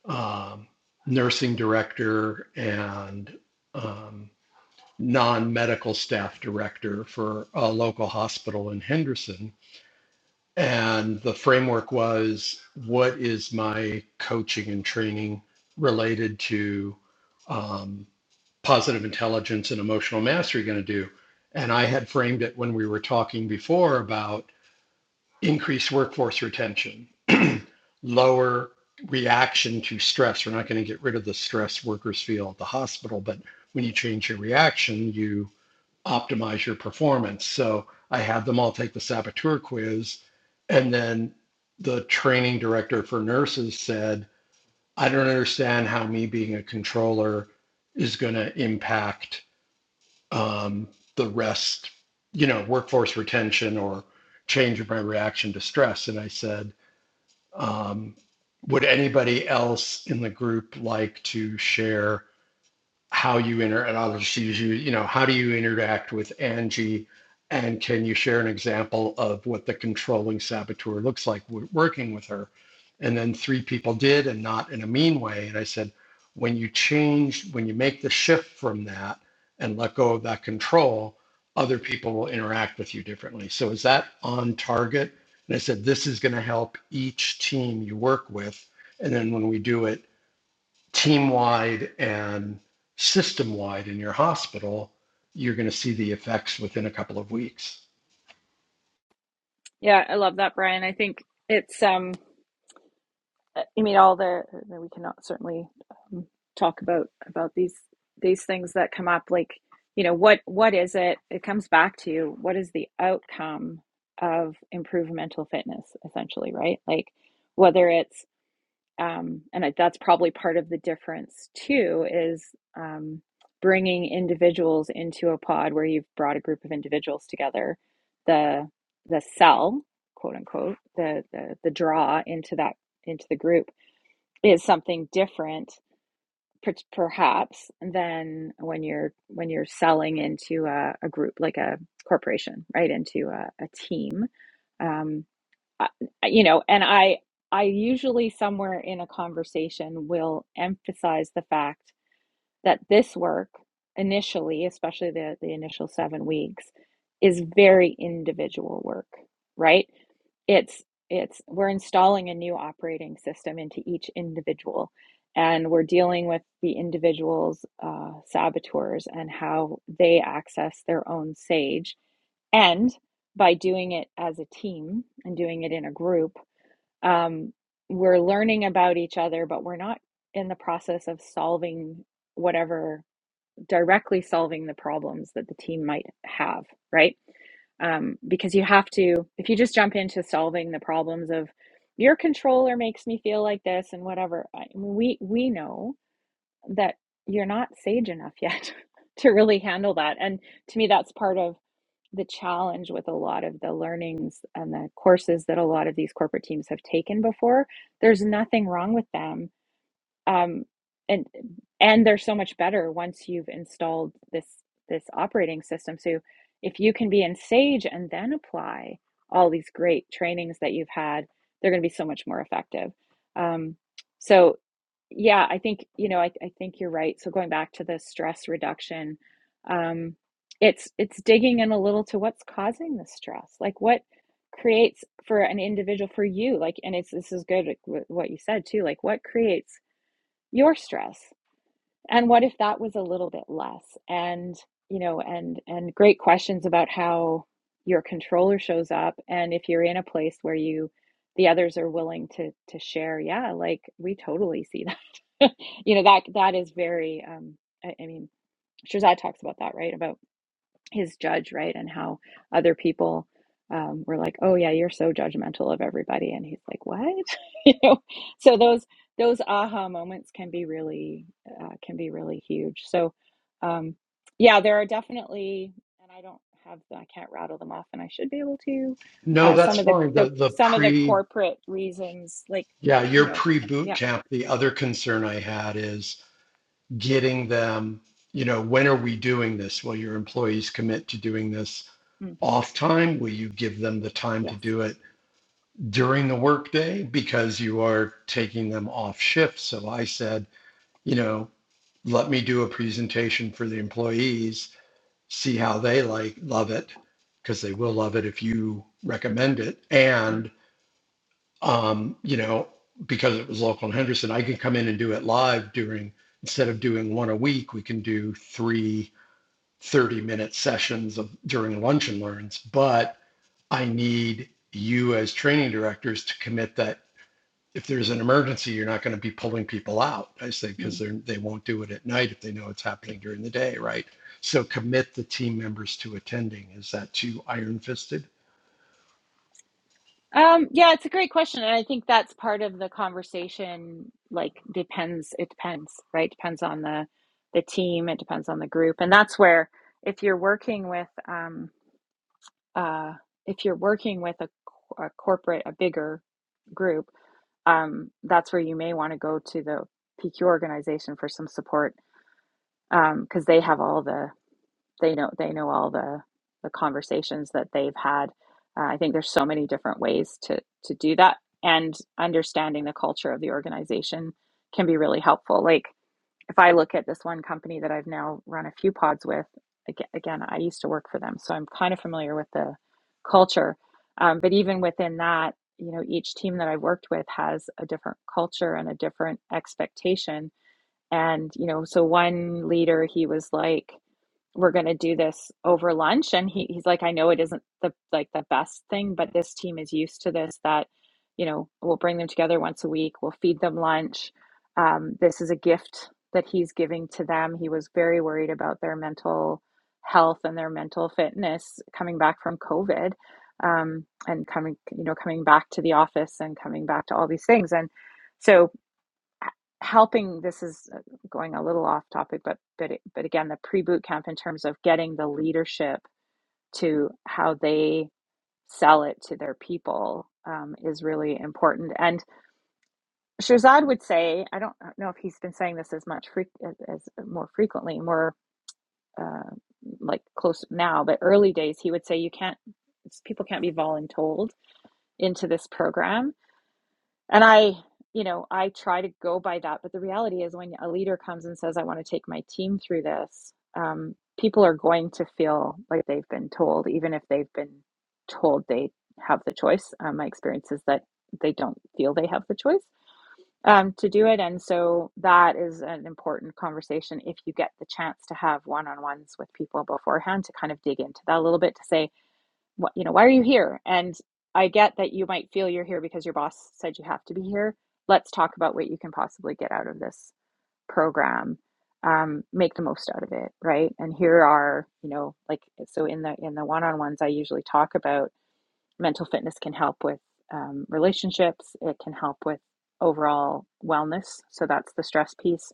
um, nursing director, and um, non-medical staff director for a local hospital in Henderson And the framework was what is my coaching and training related to um, positive intelligence and emotional mastery going to do? And I had framed it when we were talking before about increased workforce retention, <clears throat> lower reaction to stress. We're not going to get rid of the stress workers feel at the hospital, but when you change your reaction, you optimize your performance. So I had them all take the saboteur quiz. And then the training director for nurses said, I don't understand how me being a controller is going to impact um, the rest, you know, workforce retention or change in my reaction to stress. And I said, um, Would anybody else in the group like to share? how you inter and I'll just use you, you know, how do you interact with Angie? And can you share an example of what the controlling saboteur looks like working with her? And then three people did, and not in a mean way. And I said, when you change, when you make the shift from that and let go of that control, other people will interact with you differently. So is that on target? And I said, this is going to help each team you work with. And then when we do it, team wide and system wide in your hospital, you're going to see the effects within a couple of weeks.
Yeah, I love that, Brian. I think it's um I mean all the we cannot certainly um, talk about about these these things that come up like you know what what is it it comes back to what is the outcome of improved mental fitness essentially right like whether it's um, and I, that's probably part of the difference too is um, bringing individuals into a pod where you've brought a group of individuals together the the sell quote unquote the the, the draw into that into the group is something different per- perhaps than when you're when you're selling into a, a group like a corporation right into a, a team Um, uh, uh, you know and i i usually somewhere in a conversation will emphasize the fact that this work initially especially the the initial 7 weeks is very individual work right it's it's we're installing a new operating system into each individual and we're dealing with the individual's uh, saboteurs and how they access their own sage and by doing it as a team and doing it in a group, um, we're learning about each other, but we're not in the process of solving whatever directly solving the problems that the team might have, right? Um, because you have to, if you just jump into solving the problems of your controller makes me feel like this and whatever, I mean, we we know that you're not sage enough yet <laughs> to really handle that. And to me, that's part of the challenge with a lot of the learnings and the courses that a lot of these corporate teams have taken before. There's nothing wrong with them um, and and they're so much better once you've installed this this operating system. So if you can be in Sage and then apply all these great trainings that you've had, they're going to be so much more effective. Um, so yeah, I think you know I, I think you're right. So going back to the stress reduction, um, it's it's digging in a little to what's causing the stress, like what creates for an individual for you like and it's this is good like, what you said too like what creates your stress and what if that was a little bit less and you know and and great questions about how your controller shows up and if you're in a place where you the others are willing to to share yeah like we totally see that <laughs> you know that that is very um i, I mean Shirzad talks about that right about his judge, right? And how other people um, were like, "Oh yeah, you're so judgmental of everybody," and he's like, "What?" <laughs> you know. So those those aha moments can be really uh, can be really huge. So um, yeah, there are definitely, and I don't have I can't rattle them off, and I should be able to.
No,
Uh,
that's
some of the,
fine.
the
The the
some of the
pre
corporate reasons, like
yeah,
you
your
know,
pre boot
yeah,
camp. The other concern I had is getting them, you know, when are we doing this? Will your employees commit to doing this
mm,
off time? Will you give them the time to
yes.
do it during the workday because you are taking them off shift? So I said, you know, let me do a presentation for the employees see how they like love it because they will love it if you recommend it
Mm,
and um, you know because it was local in henderson i can come in and do it live during instead of doing one a week we can do three 30 minute sessions of during lunch and learns but i need you as training directors to commit that if there's an emergency, you're not going to be pulling people out. I say
mm.
because they're they they will not do it at night if they know it's happening during the day, right? So commit the team members to attending. Is that too iron fisted?
Um, yeah, it's a great question. And I think that's part of the conversation, like depends, it depends, right? Depends on the the team, it depends on the group. And that's where if you're working with um uh if you're working with a, a corporate, a bigger group, um, that's where you may want to go to the PQ organization for some support um, because they have all the they know they know all the the conversations that they've had. Uh, I think there's so many different ways to to do that, and understanding the culture of the organization can be really helpful. Like if I look at this one company that I've now run a few pods with, again, again, I used to work for them, so I'm kind of familiar with the culture. Um, but even within that, you know, each team that I've worked with has a different culture and a different expectation. And you know, so one leader, he was like we're going to do this over lunch and he, he's like i know it isn't the like the best thing but this team is used to this that you know we'll bring them together once a week we'll feed them lunch um, this is a gift that he's giving to them he was very worried about their mental health and their mental fitness coming back from covid um, and coming you know coming back to the office and coming back to all these things and so h- helping this is uh, going a little off topic but but it- but again the pre-boot camp in terms of getting the leadership to how they sell it to their people um, is really important and Shirzad would say I don't know if he's been saying this as much fre- as, as uh, more frequently more uh, like close now but early days he would say you can't people can't be voluntold into this program And I, you know, I try to go by that. But the reality is, when a leader comes and says, I want to take my team through this, um, people are going to feel like they've been told, even if they've been told they have the choice. Um, my experience is that they don't feel they have the choice um, to do it. And so that is an important conversation if you get the chance to have one on ones with people beforehand to kind of dig into that a little bit to say, what you know why are you here and i get that you might feel you're here because your boss said you have to be here let's talk about what you can possibly get out of this program um, make the most out of it right and here are you know like so in the in the one-on-ones i usually talk about mental fitness can help with um, relationships it can help with overall wellness so that's the stress piece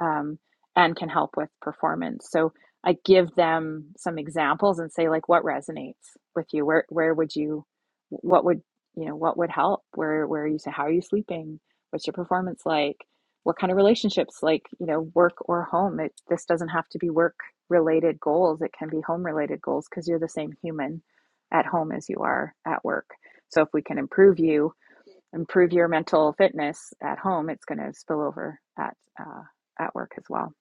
um, and can help with performance so i give them some examples and say like what resonates with you where where would you what would you know what would help where where are you so how are you sleeping what's your performance like what kind of relationships like you know work or home it this doesn't have to be work related goals it can be home related goals because you're the same human at home as you are at work. So if we can improve you, improve your mental fitness at home, it's going to spill over at uh, at work as well.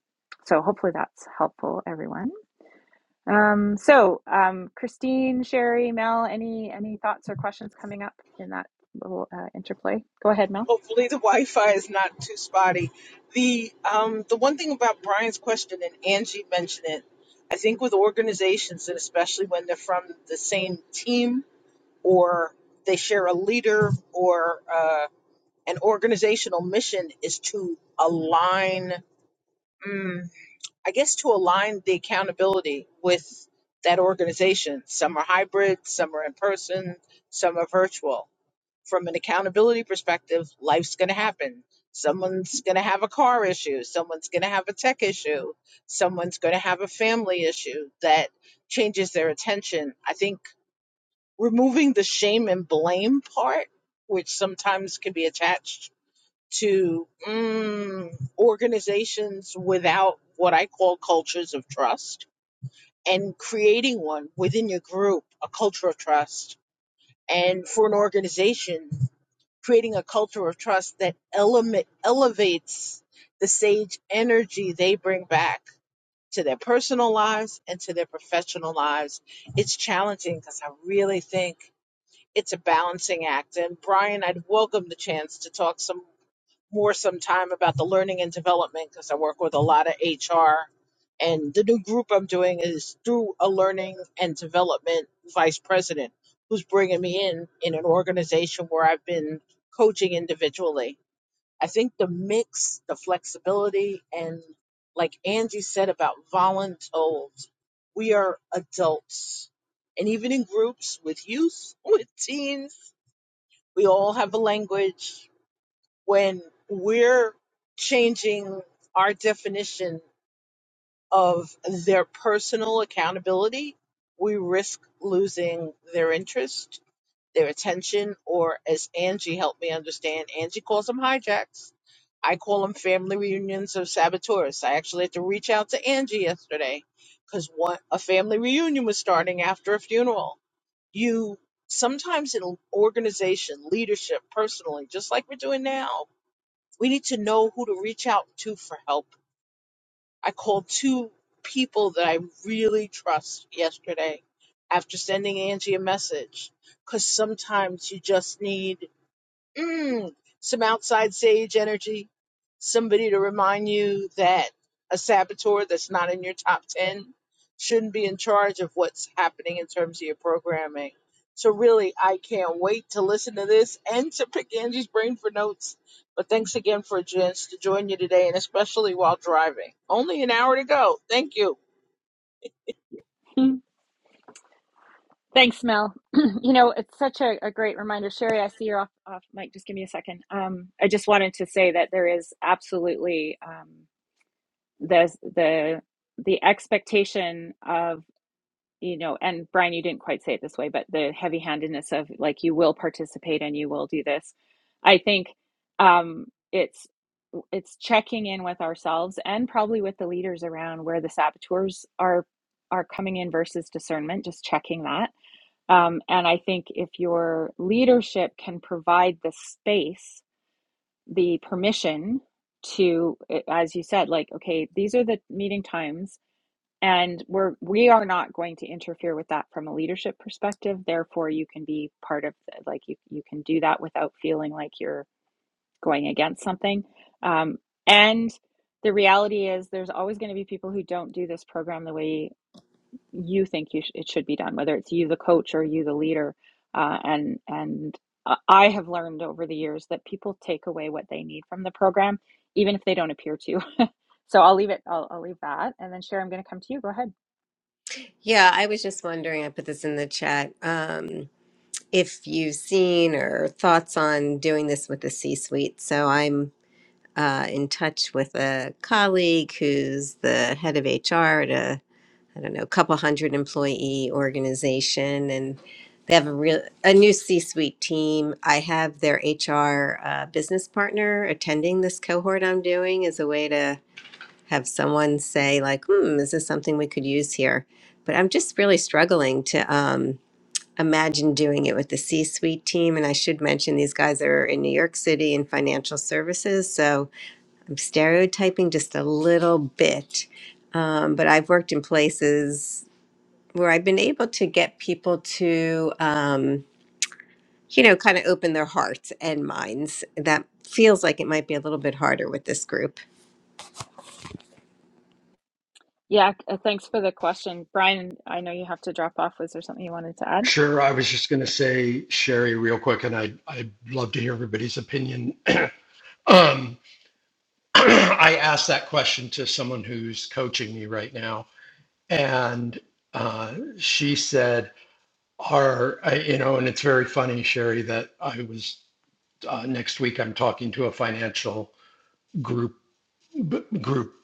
So hopefully that's helpful, everyone. Um, so um, Christine, Sherry, Mel, any any thoughts or questions coming up in that little uh, interplay? Go ahead, Mel. <laughs>
hopefully the Wi-Fi is not too spotty. The um, the one thing about Brian's question and Angie mentioned it, I think with organizations and especially when they're from the same team or they share a leader or uh, an organizational mission is to align. Mm, I guess to align the accountability with that organization. Some are hybrid, some are in person, some are virtual from an accountability perspective, life's going to happen. Someone's going to have a car issue. Someone's going to have a tech issue. Someone's going to have a family issue that changes their attention. I think removing the shame and blame part, which sometimes can be attached to mm, organizations without what I call cultures of trust, and creating one within your group, a culture of trust, and for an organization creating a culture of trust that elema- elevates the sage energy they bring back to their personal lives and to their professional lives. It's challenging because I really think it's a balancing act. And Brian, I'd welcome the chance to talk some more some time about the learning and development because I work with a lot of HR. And the new group I'm doing is through a learning and development vice president who's bringing me in in an organization where I've been coaching individually. I think the mix, the flexibility, and like Angie said about voluntold, we are adults. And even in groups with youth, <laughs> with teens, we all have a language, when we're changing our definition of their personal accountability, we risk losing their interest, their attention, or as Angie helped me understand, Angie calls them hijacks. I call them family reunions of saboteurs. I actually had to reach out to Angie yesterday because what a family reunion was starting after a funeral. You sometimes in organization, leadership, personally, just like we're doing now, we need to know who to reach out to for help. I called two people that I really trust yesterday after sending Angie a message because sometimes you just need mm, some outside sage energy, somebody to remind you that a saboteur that's not in your top 10 shouldn't be in charge of what's happening in terms of your programming. So, really, I can't wait to listen to this and to pick Angie's brain for notes. But thanks again for a chance to join you today, and especially while driving. Only an hour to go. Thank you.
Thanks, Mel. <clears throat> you know, it's such a, a great reminder. Sherry, I see you're off, off mic. Just give me a second. Um, I just wanted to say that there is absolutely. um, the the the expectation of you know and brian you didn't quite say it this way but the heavy handedness of like you will participate and you will do this i think um it's it's checking in with ourselves and probably with the leaders around where the saboteurs are are coming in versus discernment just checking that um, and i think if your leadership can provide the space the permission to eh, as you said like okay these are the meeting times and we're we are not going to interfere with that from a leadership perspective therefore you can be part of the, like you, you can do that without feeling like you're going against something um, and the reality is there's always going to be people who don't do this program the way you think you sh- it should be done, whether it's you, the coach, or you, the leader. Uh, and and uh, I have learned over the years that people take away what they need from the program, even if they don't appear to. <laughs> so I'll leave it. I'll, I'll leave that. And then, Sharon, I'm going to come to you. Go ahead.
Yeah, I was just wondering, I put this in the chat, um, if you've seen or thoughts on doing this with the C-suite. So I'm uh, in touch with a colleague who's the head of HR I don't know, couple hundred employee organization, and they have a real a new C-suite team. I have their HR uh, business partner attending this cohort I'm doing as a way to have someone say like, "Hmm, is this something we could use here?" But I'm just really struggling to um, imagine doing it with the C-suite team. And I should mention these guys are in New York City in financial services, so I'm stereotyping just a little bit um, but I've worked in places where I've been able to get people to, um, you know, kind of open their hearts and minds. That feels like it might be a little bit harder with this group.
Yeah. uh, Thanks for the question, Brian. I know you have to drop off. Was there something you wanted to add?
Sure. I was just going to say, Sherry, real quick, and I I'd love to hear everybody's opinion. Um, <clears throat> I asked that question to someone who's coaching me right now, and uh, she said, "Are you know?" And it's very funny, Sherry, that I was uh, next week. I'm talking to a financial group group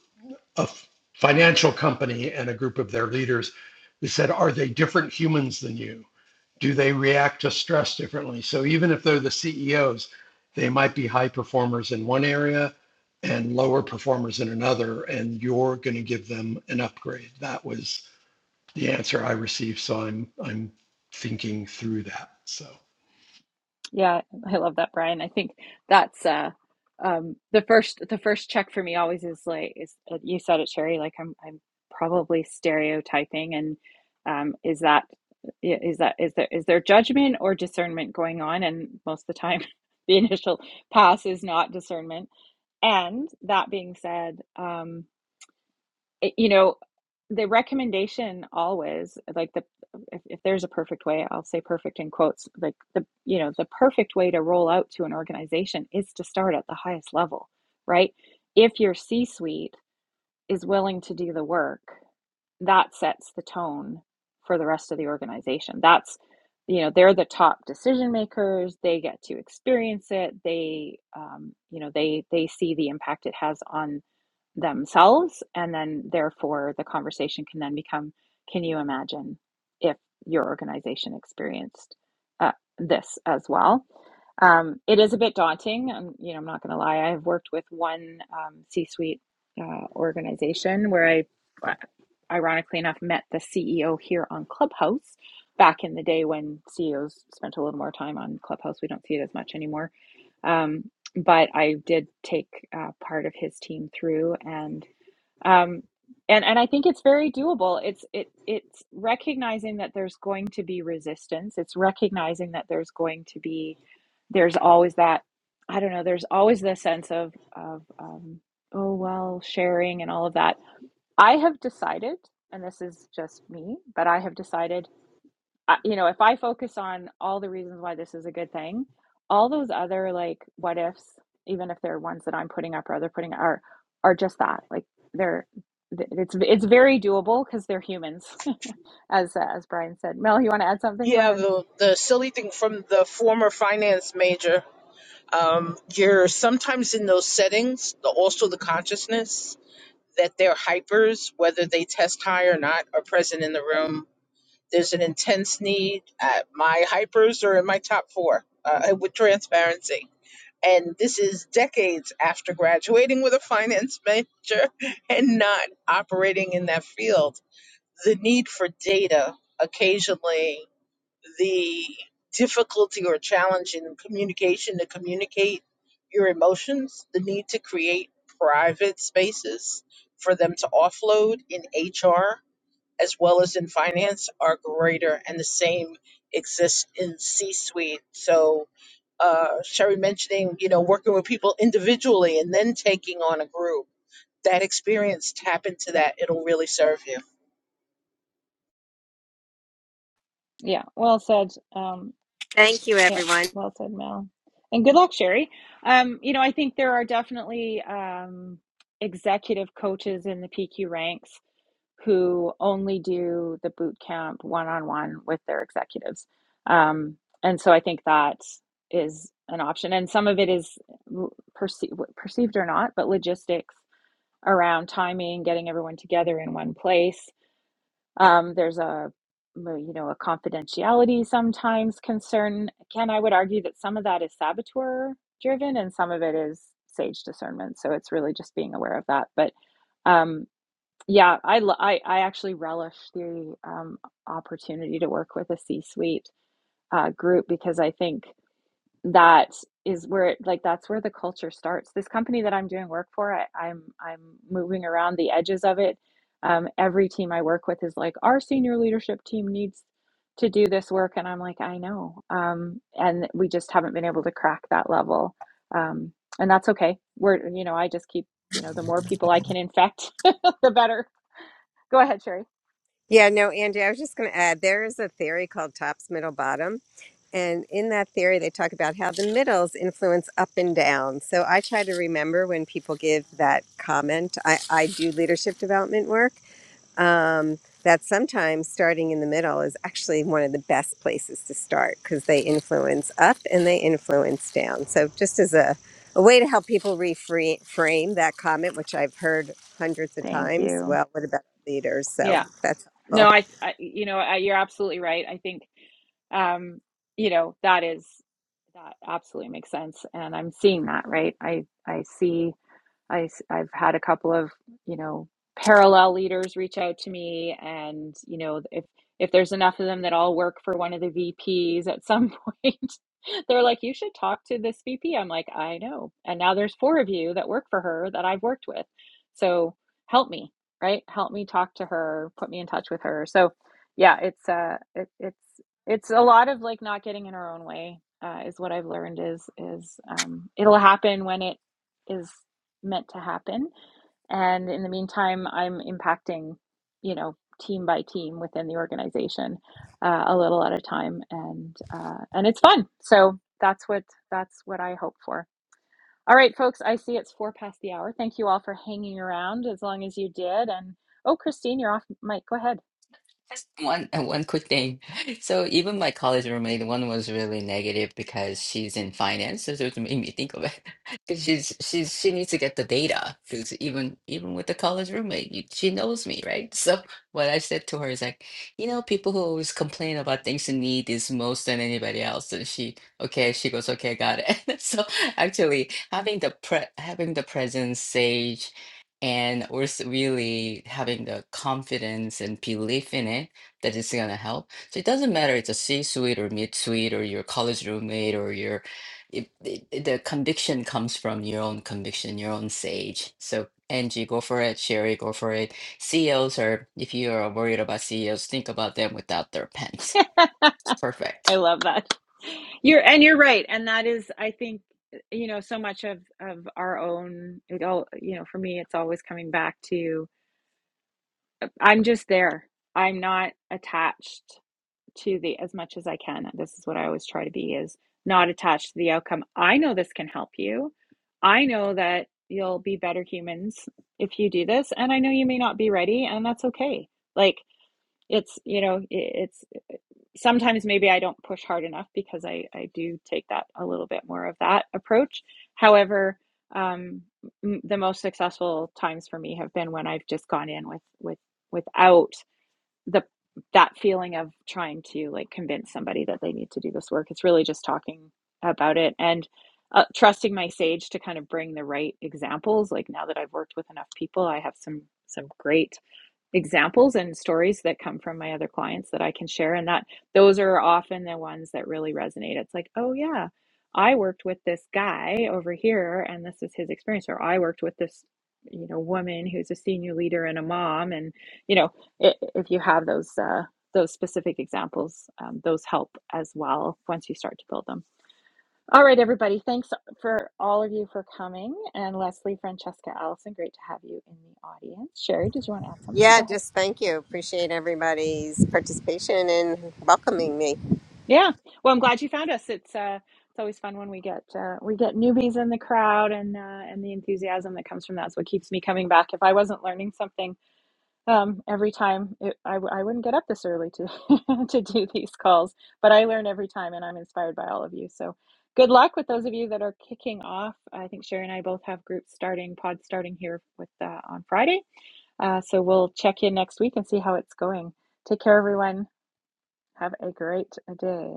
of financial company and a group of their leaders we said are they different humans than you do they react to stress differently so even if they're the ceos they might be high performers in one area and lower performers in another and you're going to give them an upgrade that was the answer i received so i'm i'm thinking through that so
Yeah, I love that, Brian. I think that's uh um the first the first check for me always is like is uh, you said it, Sherry, like I'm I'm probably stereotyping and um is that i- is that is there is there judgment or discernment going on? And most of the time <laughs> the initial pass is not discernment. And that being said, um it- you know the recommendation always like the if, if there's a perfect way i'll say perfect in quotes like the you know the perfect way to roll out to an organization is to start at the highest level right if your c suite is willing to do the work that sets the tone for the rest of the organization that's you know they're the top decision makers they get to experience it they um, you know they they see the impact it has on themselves and then therefore the conversation can then become can you imagine if your organization experienced uh, this as well um, it is a bit daunting um, you know i'm not going to lie i've worked with one um, c-suite uh, organization where i uh, ironically enough met the ceo here on clubhouse back in the day when ceos spent a little more time on clubhouse we don't see it as much anymore Um, but I did take uh, part of his team through and um and and I think it's very doable. It's it it's recognizing that there's going to be resistance. It's recognizing that there's going to be there's always that I don't know, there's always the sense of of um oh well, sharing and all of that. I have decided and this is just me, but I have decided I, you know, if I focus on all the reasons why this is a good thing, all those other like what ifs, even if they're ones that I'm putting up or other putting are are just that. Like they're it's it's very doable because they're humans, <laughs> as uh, as Brian said. Mel, you want to add something? Go
Yeah,
ahead.
the, the silly thing from the former finance major Um, you're sometimes in those settings, the, also the consciousness that their hypers, whether they test high or not, are present in the room. There's an intense need. Uh, my hypers are in my top four uh, with transparency. And this is decades after graduating with a finance major <laughs> and not operating in that field. The need for data occasionally the difficulty or challenge in communication to communicate your emotions, the need to create private spaces for them to offload in HR as well as in finance are greater, and the same exists in C suite. So, uh, Sherry mentioning, you know, working with people individually and then taking on a group, that experience, tap into that, it'll really serve you.
Yeah, well said. Um,
Thank you,
yeah,
everyone.
well said, Mel. And good luck, Sherry. Um, you know, I think there are definitely um, executive coaches in the PQ ranks who only do the boot camp one on one with their executives. Um, and so I think that is an option. And some of it is l- perce- perceived or not, but logistics around timing, getting everyone together in one place. Um, there's a well, you know a confidentiality sometimes concern. Ken, I would argue that some of that is saboteur driven, and some of it is sage discernment. So it's really just being aware of that. But um, yeah, I, lo- I, I actually relish the um, opportunity to work with a C-suite uh, group because I think that is where it, like that's where the culture starts. This company that I'm doing work for, I, I'm I'm moving around the edges of it. Um, every team I work with is like, our senior leadership team needs to do this work, and I'm like, I know, um, and we just haven't been able to crack that level, um, and that's okay. We're, you know, I just keep, you know, the more people I can infect, <laughs> the better Go ahead, Sherry.
Yeah, no, Angie, I was just going to add there is a theory called tops, middle, bottom. And in that theory, they talk about how the middles influence up and down. So I try to remember when people give that comment. I, I do leadership development work. um, that sometimes starting in the middle is actually one of the best places to start because they influence up and they influence down. So, just as a, a way to help people reframe that comment, which I've heard hundreds of
Thank
times,
you.
well, what about leaders? So,
Yeah.
that's
No,
helpful.
I, I you know, I, you're absolutely right. I think, um, you know, that is that absolutely makes sense, and I'm seeing that, right? I I see I, have had a couple of, you know, parallel leaders reach out to me and, you know, if, if there's enough of them that all work for one of the VPs at some point, <laughs> they're like, you should talk to this VP. I'm like, I know. And now there's four of you that work for her that I've worked with. So help me, right? Help me talk to her, put me in touch with her. So yeah, it's, uh, it, it's, it's a lot of like not getting in our own way, uh, is what I've learned is, is, um, it'll happen when it is meant to happen. And in the meantime, I'm impacting, you know, team by team within the organization, uh, a little at a time, and uh, and it's fun. So that's what that's what I hope for. All right, folks. I see it's four past the hour. Thank you all for hanging around as long as you did. And oh, Christine, you're off mic. Go ahead.
Just one <laughs> uh, one quick thing. <laughs> So even my college roommate, one was really negative because she's in finance. So it made me think of it <laughs> because she's she's she needs to get the data because even even with the college roommate, you, she knows me, right? <laughs> So what I said to her is like, you know, people who always complain about things you need is most than anybody else. And she, okay, she goes, okay, got it. <laughs> So actually, having the pre having the presence, sage and we're s- really having the confidence and belief in it that it's going to help. So it doesn't matter it's a C-suite or mid-suite or your college roommate or your it, it, it- the conviction comes from your own conviction, your own sage. So Angie, go for it. Sherry, go for it. CEOs are, if you are worried about CEOs, think about them without their pants.
<laughs>
Perfect.
I love that. You're and you're right. And that is, I think, you know, so much of of our own. It all, you know, for me, it's always coming back to I'm just there. I'm not attached to the as much as I can. This is what I always try to be is not attached to the outcome. I know this can help you. I know that you'll be better humans if you do this and I know you may not be ready and that's okay. Like it's you know it's sometimes maybe I don't push hard enough because I I do take that a little bit more of that approach. However, um the most successful times for me have been when I've just gone in with with without the that feeling of trying to like convince somebody that they need to do this work it's really just talking about it and uh, trusting my sage to kind of bring the right examples like now that i've worked with enough people i have some some great examples and stories that come from my other clients that I can share and that those are often the ones that really resonate. It's like, "Oh yeah, I worked with this guy over here and this is his experience or I worked with this you know woman who's a senior leader and a mom and you know i if you have those uh those specific examples um, those help as well once you start to build them all right everybody thanks for all of you for coming and leslie francesca allison great to have you in the audience sherry did you want to add something go
Yeah,
ahead
just thank you. Appreciate everybody's participation and welcoming me.
Yeah. Well, I'm glad you found us. It's uh, it's always fun when we get uh, we get newbies in the crowd and uh, and the enthusiasm that comes from that's what keeps me coming back. If I wasn't learning something um, every time, it, I w- I wouldn't get up this early to <laughs> to do these calls. But I learn every time, and I'm inspired by all of you. So good luck with those of you that are kicking off. I think Sherry and I both have groups starting pods starting here with uh, on Friday. Uh, so we'll check in next week and see how it's going. Take care, everyone. Have a great day.